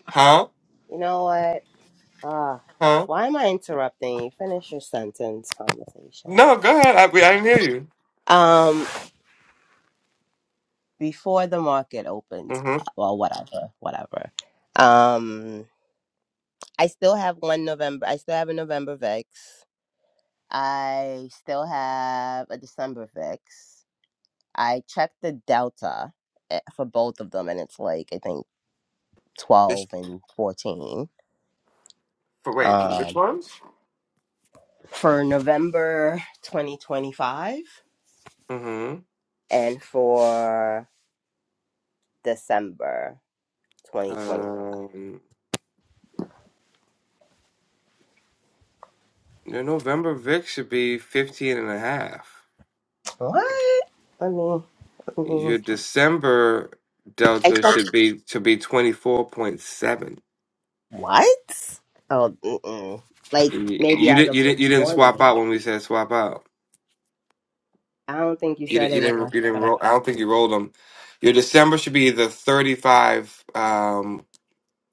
[SPEAKER 2] Huh?
[SPEAKER 8] you know what? Ah,
[SPEAKER 2] Huh?
[SPEAKER 8] why am I interrupting you? Finish your sentence conversation.
[SPEAKER 2] No, go ahead. I, we- I didn't hear you.
[SPEAKER 8] Um, before the market opens, uh,
[SPEAKER 2] Mm-hmm.
[SPEAKER 8] well, whatever, whatever. Um, I still have one November. I still have a November VIX. I still have a December VIX. I checked the delta eh, for both of them, and it's like I think
[SPEAKER 2] This,
[SPEAKER 8] twelve and fourteen.
[SPEAKER 2] for wait, for which
[SPEAKER 8] Um.
[SPEAKER 2] ones?
[SPEAKER 8] for November 2025
[SPEAKER 2] Mm-hmm.
[SPEAKER 8] and for December 2020.
[SPEAKER 2] Um, your November VIX should be 15 and a half.
[SPEAKER 8] What? Let me, let me.
[SPEAKER 2] Your December
[SPEAKER 8] I
[SPEAKER 2] delta
[SPEAKER 8] thought,
[SPEAKER 2] should be to be 24.7.
[SPEAKER 8] what? Oh, mm-mm. like
[SPEAKER 2] You,
[SPEAKER 8] maybe
[SPEAKER 2] you
[SPEAKER 8] as
[SPEAKER 2] didn't
[SPEAKER 8] of
[SPEAKER 2] you
[SPEAKER 8] this
[SPEAKER 2] didn't you didn't swap
[SPEAKER 8] morning.
[SPEAKER 2] out when we said swap out.
[SPEAKER 8] I don't think you
[SPEAKER 2] You
[SPEAKER 8] said
[SPEAKER 2] didn't you
[SPEAKER 8] it when
[SPEAKER 2] didn't
[SPEAKER 8] I,
[SPEAKER 2] you didn't
[SPEAKER 8] when I.
[SPEAKER 2] roll. I don't think you rolled them. Your December should be the 35 um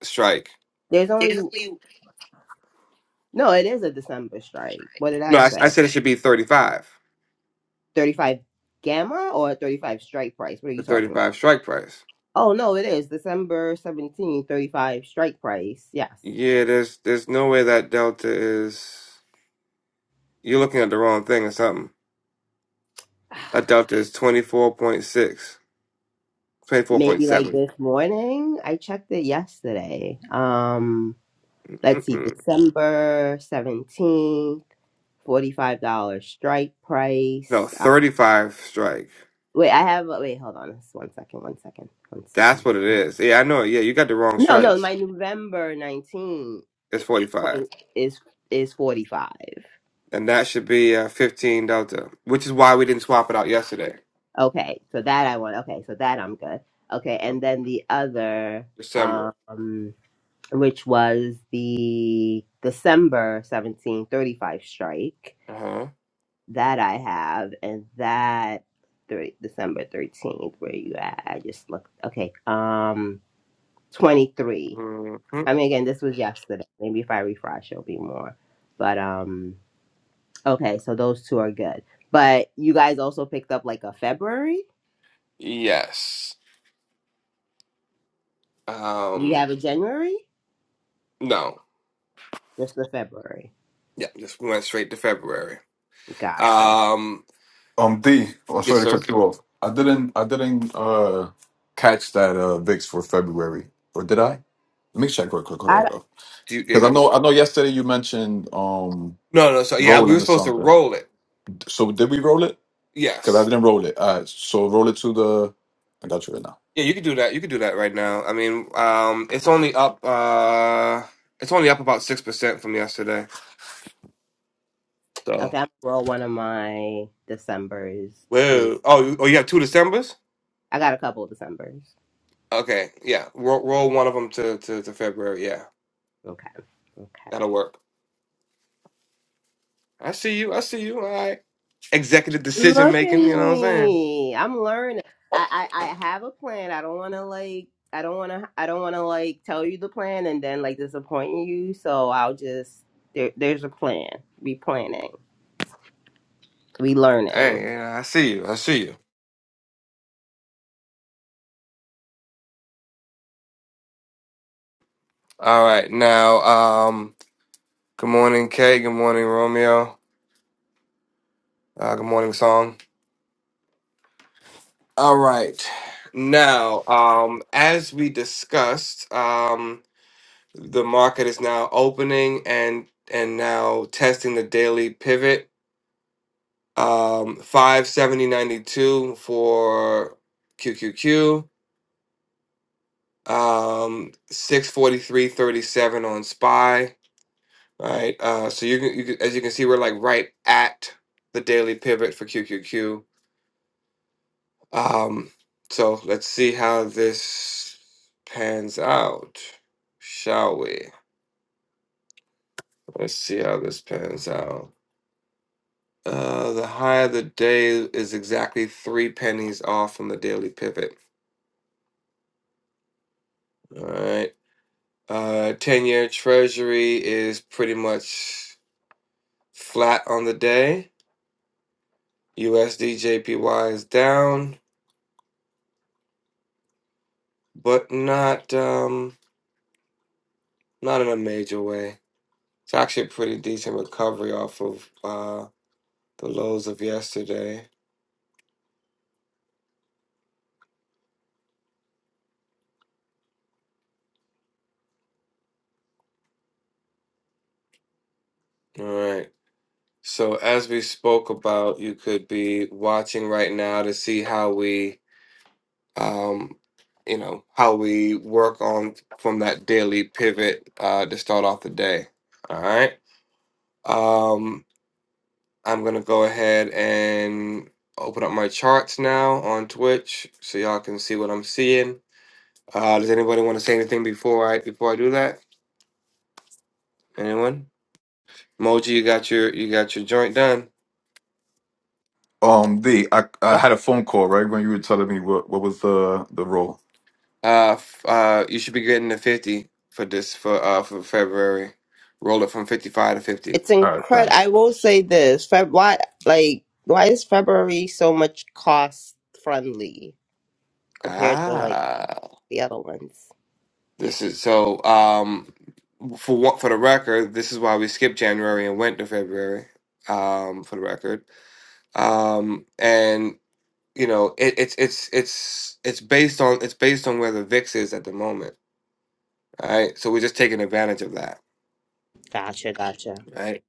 [SPEAKER 2] strike.
[SPEAKER 8] There's only, no, it is a December strike. What did
[SPEAKER 2] No,
[SPEAKER 8] I
[SPEAKER 2] I, I
[SPEAKER 8] say?
[SPEAKER 2] said it should be 35,
[SPEAKER 8] 35 gamma or 35 strike price? What are
[SPEAKER 2] the
[SPEAKER 8] you talking about?
[SPEAKER 2] 35 strike price.
[SPEAKER 8] Oh, no, it is December 17, 35 strike price. Yes.
[SPEAKER 2] Yeah, there's there's no way that delta is. You're looking at the wrong thing or something.
[SPEAKER 8] <sighs>
[SPEAKER 2] That delta is twenty-four point six, twenty-four point
[SPEAKER 8] maybe like
[SPEAKER 2] seven.
[SPEAKER 8] this morning. I checked it yesterday. Um, let's see,
[SPEAKER 2] Mm-mm.
[SPEAKER 8] December 17th, $45 strike
[SPEAKER 2] No,
[SPEAKER 8] price. Uh,
[SPEAKER 2] 35 strike.
[SPEAKER 8] wait, I have, wait, hold on. Just one second, one second, one
[SPEAKER 2] That's
[SPEAKER 8] second.
[SPEAKER 2] what it
[SPEAKER 8] Uh,
[SPEAKER 2] is. Yeah, I know. Yeah, you got the wrong
[SPEAKER 8] No, no,
[SPEAKER 2] strikes.
[SPEAKER 8] my November 19th
[SPEAKER 2] It's
[SPEAKER 8] point
[SPEAKER 2] 45.
[SPEAKER 8] is is 45.
[SPEAKER 2] And that should be a 15 delta, which is why we didn't swap it out yesterday,
[SPEAKER 8] Okay, so that I want. Okay, so that I'm good. Okay, and then the other,
[SPEAKER 2] December.
[SPEAKER 8] um, which was the December 1735 strike
[SPEAKER 2] Uh
[SPEAKER 8] that I have, and that thir- December 13th, where you at? I just looked. Okay, um,
[SPEAKER 2] huh.
[SPEAKER 8] 23.
[SPEAKER 2] hmm
[SPEAKER 8] I mean, again, this was yesterday. Maybe if I refresh, it'll be more. But um, okay, so those two are good. But you guys also picked up like a February.
[SPEAKER 2] Yes.
[SPEAKER 8] You
[SPEAKER 2] Um,
[SPEAKER 8] have a January,
[SPEAKER 2] no.
[SPEAKER 8] just the February.
[SPEAKER 2] Yeah, just went straight to February.
[SPEAKER 8] Gotcha.
[SPEAKER 2] Um,
[SPEAKER 1] Um, D. I'm
[SPEAKER 2] yes,
[SPEAKER 1] sorry to
[SPEAKER 2] sir.
[SPEAKER 1] cut you off. I didn't. I didn't uh catch that uh VIX for February, or did I? Let me check real quick.
[SPEAKER 8] I okay.
[SPEAKER 2] Do you, yeah,
[SPEAKER 1] Because
[SPEAKER 2] you-
[SPEAKER 1] I know. I know. Yesterday you mentioned um
[SPEAKER 2] no, no. So yeah, we
[SPEAKER 1] rolling
[SPEAKER 2] were
[SPEAKER 1] or
[SPEAKER 2] supposed to
[SPEAKER 1] something.
[SPEAKER 2] roll it.
[SPEAKER 1] So did we roll it? Because I
[SPEAKER 2] Yes.
[SPEAKER 1] didn't roll it. All right. So roll it to the. I got you right now.
[SPEAKER 2] Yeah, you could do that. You could do that right now. I mean, um, it's only up. Uh, it's only up about six percent from yesterday.
[SPEAKER 8] I'm
[SPEAKER 2] So.
[SPEAKER 8] gonna roll one of my December's too.
[SPEAKER 2] Whoa. Oh, you- oh, you have two Decembers.
[SPEAKER 8] I got a couple of Decembers.
[SPEAKER 2] Okay. Yeah. Roll, roll one of them to, to to February. Yeah,
[SPEAKER 8] Okay. Okay.
[SPEAKER 2] that'll work. I see you. I see you. All right. Executive decision
[SPEAKER 8] Look at
[SPEAKER 2] making. You know what I'm saying?
[SPEAKER 8] me. I'm learning. I, I, I have a plan. I don't want to like. I don't want to. I don't want to like tell you the plan and then like disappoint you. So I'll just. There, there's a plan. We planning. We learning.
[SPEAKER 2] Hey, yeah, I see you. I see you. All right. Now, um. Good morning, Kay. Good morning, Romeo. Uh, good morning, Song. All right. Now, um, as we discussed, um, the market is now opening and and now testing the daily pivot um, five seventy ninety two for QQQ, um, six forty three thirty seven on SPY. Right. Uh, so you can, you can, as you can see, we're like right at the daily pivot for QQQ Um, so let's see how this pans out, shall we? Let's see how this pans out. Uh, the high of the day is exactly three pennies off from the daily pivot. All right. Uh, 10 year treasury is pretty much flat on the day. USD JPY is down, but not um not in a major way. It's actually a pretty decent recovery off of uh. the lows of yesterday. All right. So as we spoke about, you could be watching right now to see how we, um, you know, how we work on from that daily pivot uh, to start off the day. All right. Um, I'm gonna go ahead and open up my charts now on Twitch so y'all can see what I'm seeing. Uh, does anybody want to say anything before I before I do that? Anyone? Moji, you got your you got your joint done.
[SPEAKER 1] Um, D. I I
[SPEAKER 8] Yep.
[SPEAKER 1] had a phone call right when you were telling me what what was the the roll.
[SPEAKER 2] Uh, f- uh, you should be getting a fifty for this for uh for February. Roll it from fifty-five to fifty.
[SPEAKER 8] It's
[SPEAKER 1] All right.
[SPEAKER 8] incredible.
[SPEAKER 1] Thanks.
[SPEAKER 8] I will say this. Feb- why like why is February so much cost friendly compared to like
[SPEAKER 2] Ah,
[SPEAKER 8] the other ones?
[SPEAKER 2] this is so. Um, for what for the record, this is why we skipped January and went to February. Um, for the record. Um, and you know it, it's it's it's it's based on it's based on where the VIX is at the moment. All Right, so we're just taking advantage of that.
[SPEAKER 8] Gotcha. Gotcha.
[SPEAKER 2] Right.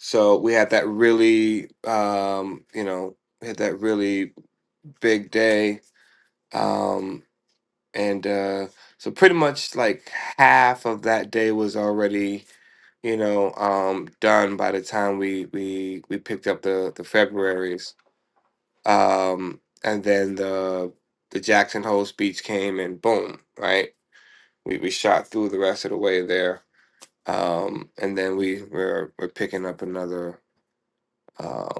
[SPEAKER 2] So we had that really um you know we had that really big day um and uh so pretty much like half of that day was already you know um done by the time we we we picked up the the february's um and then the the jackson hole speech came and boom right we we shot through the rest of the way there um and then we we're we're picking up another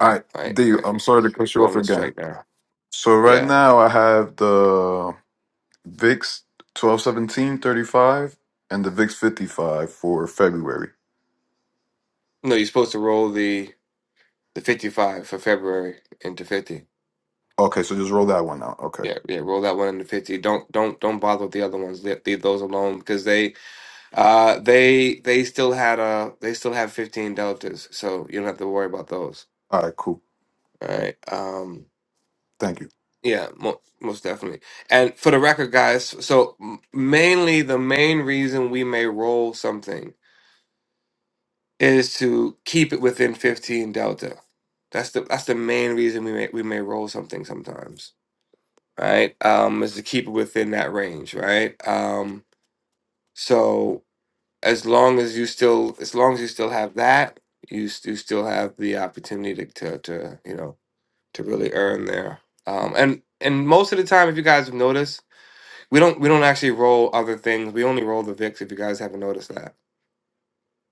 [SPEAKER 1] All right,
[SPEAKER 2] like
[SPEAKER 1] D.
[SPEAKER 2] like
[SPEAKER 1] I'm sorry to cut you off
[SPEAKER 2] rolling the
[SPEAKER 1] again.
[SPEAKER 2] strike now
[SPEAKER 1] So right
[SPEAKER 2] yeah
[SPEAKER 1] now I have the VIX 121735 and the VIX 55 for February.
[SPEAKER 2] no you're supposed to roll the the 55 for february into 50
[SPEAKER 1] Okay, so just roll that one out. Okay.
[SPEAKER 2] Yeah, yeah, roll that one into 50. Don't don't don't bother with the other ones. Leave, leave those alone because they uh they they still had uh they still have 15 deltas. So you don't have to worry about those.
[SPEAKER 1] All right, cool.
[SPEAKER 2] All right. Um
[SPEAKER 1] Thank you.
[SPEAKER 2] yeah, mo most definitely. And for the record guys, so m- mainly the main reason we may roll something is to keep it within 15 delta. That's the that's the main reason we may we may roll something sometimes. Right? Um is to keep it within that range, right? Um So as long as you still, as long as you still have that, you s- you still have the opportunity to to, to you know to really earn there. Um, and and most of the time, if you guys have noticed, we don't we don't actually roll other things. We only roll the VIX. If you guys haven't noticed that,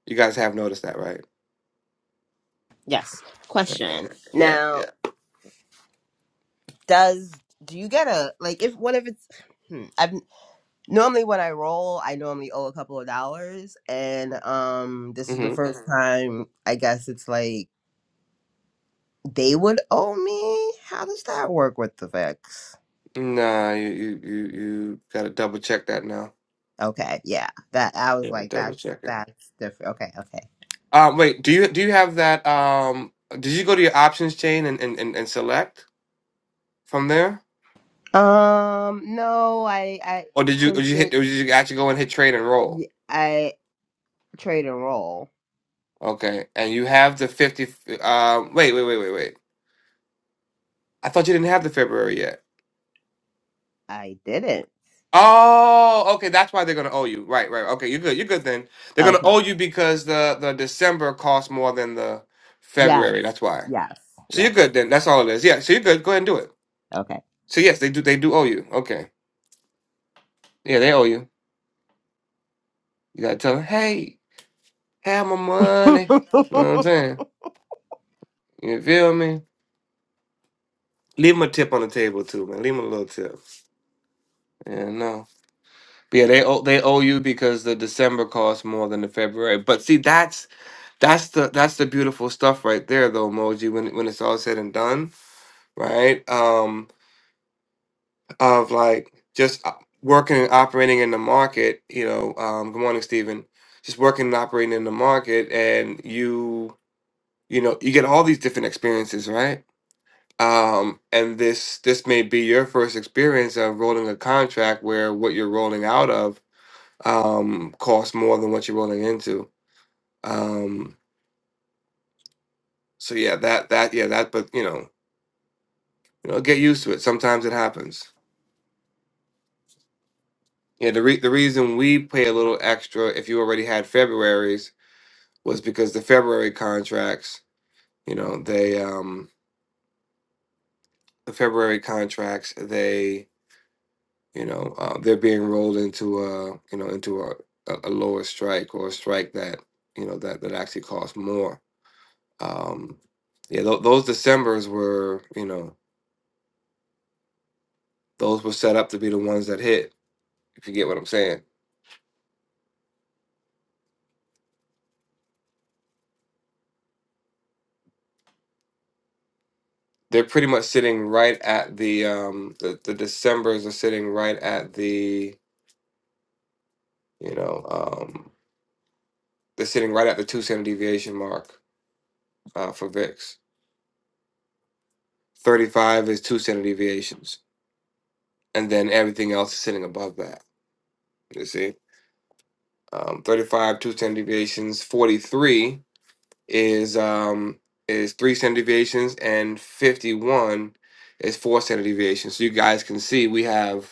[SPEAKER 2] you guys have noticed that, right?
[SPEAKER 8] Yes.
[SPEAKER 2] Okay.
[SPEAKER 8] Question.
[SPEAKER 2] Yeah.
[SPEAKER 8] Now does do you get a like if what if it's hmm, I've normally when I roll I normally owe a couple of dollars and um this is the
[SPEAKER 2] Mm-hmm.
[SPEAKER 8] 1st time I guess it's like they would owe me how does that work with the vex
[SPEAKER 2] Nah, you you you you gotta double check that now.
[SPEAKER 8] okay yeah that I was
[SPEAKER 2] Yeah,
[SPEAKER 8] like
[SPEAKER 2] double
[SPEAKER 8] that's
[SPEAKER 2] check it.
[SPEAKER 8] that's different okay okay
[SPEAKER 2] Uh, wait. Do you do you have that? Um, did you go to your options chain and and, and, and select from there?
[SPEAKER 8] um no I I
[SPEAKER 2] Or did you or
[SPEAKER 8] because
[SPEAKER 2] did you
[SPEAKER 8] the
[SPEAKER 2] hit or did you actually go and hit trade and roll?
[SPEAKER 8] y- I trade and roll
[SPEAKER 2] Okay. And you have the 50 um wait, wait, wait, wait, wait. I thought you didn't have the February yet.
[SPEAKER 8] I didn't
[SPEAKER 2] Oh, okay, that's why they're gonna owe you. Right, right. Okay, you're good. You're good then. They're gonna
[SPEAKER 8] okay
[SPEAKER 2] owe you because the the December costs more than the
[SPEAKER 8] yes
[SPEAKER 2] February. That's why.
[SPEAKER 8] yes
[SPEAKER 2] So you're
[SPEAKER 8] yes
[SPEAKER 2] good then. That's all it is. Yeah. So you're good. Go ahead and do it.
[SPEAKER 8] okay
[SPEAKER 2] So yes, they do. They do owe you. Okay. Yeah, they owe you. You gotta tell them, hey, have my money. You know
[SPEAKER 8] <laughs>
[SPEAKER 2] what I'm saying? You feel me? Leave them a tip on the table too, man. Leave them a little tip. Yeah, no. But yeah, they owe they owe you because the December costs more than the February. But see, that's that's the that's the beautiful stuff right there, though, Moji. When when it's all said and done, right? Um, of like just uh, working and operating in the market. You know, um, good morning, Stephen. Just working and operating in the market, and you you know you get all these different experiences, right? Um, and this this may be your first experience of rolling a contract where what you're rolling out of um, costs more than what you're rolling into. Um, so yeah, that that yeah that but you know you know get used to it. Sometimes it happens. Yeah, the re- the reason we pay a little extra if you already had February's was because the February contracts, you know, they um the February contracts they you know uh, they're being rolled into a you know into a, a a lower strike or a strike that you know that that actually costs more. Um, yeah, th- those December's were you know Those were set up to be the ones that hit, if you get what I'm saying. They're pretty much sitting right at the um the, the Decembers are sitting right at the you know, um they're sitting right at the two standard deviation mark uh for VIX. Thirty five is two standard deviations. And then everything else is sitting above that. You see? Um thirty five, two standard deviations, forty three is um is three standard deviations and fifty one is four standard deviations. So you guys can see we have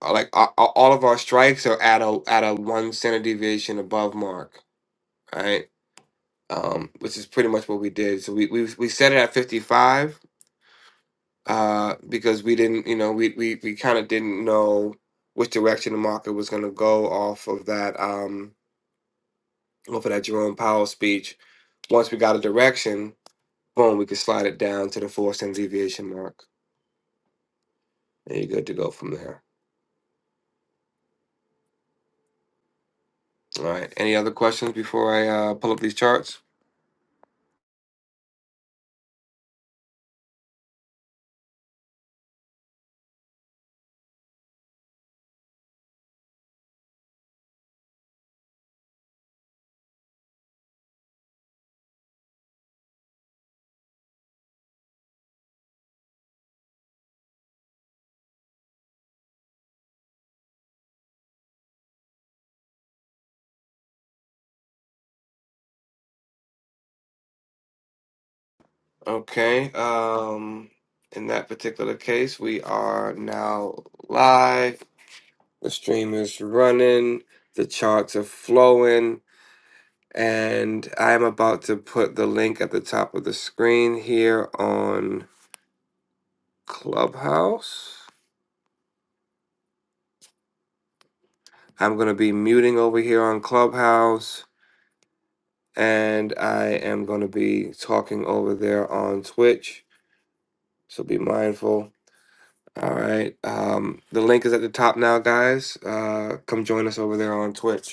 [SPEAKER 2] Uh, like a- a- all of our strikes are at a at a one standard deviation above mark, right? Um, which is pretty much what we did. So we we we set it at fifty five uh, because we didn't, you know, we we we kind of didn't know which direction the market was going to go off of that um off of that Jerome Powell speech. Once we got a direction, boom, we could slide it down to the four standard deviation mark, and you're good to go from there. All right. Any other questions before I uh, pull up these charts? Okay. Um, in that particular case, we are now live. The stream is running. The charts are flowing. And I am about to put the link at the top of the screen here on Clubhouse. I'm going to be muting over here on Clubhouse. And I am going to be talking over there on Twitch. So be mindful. All right. Um, the link is at the top now, guys. Uh, come join us over there on Twitch.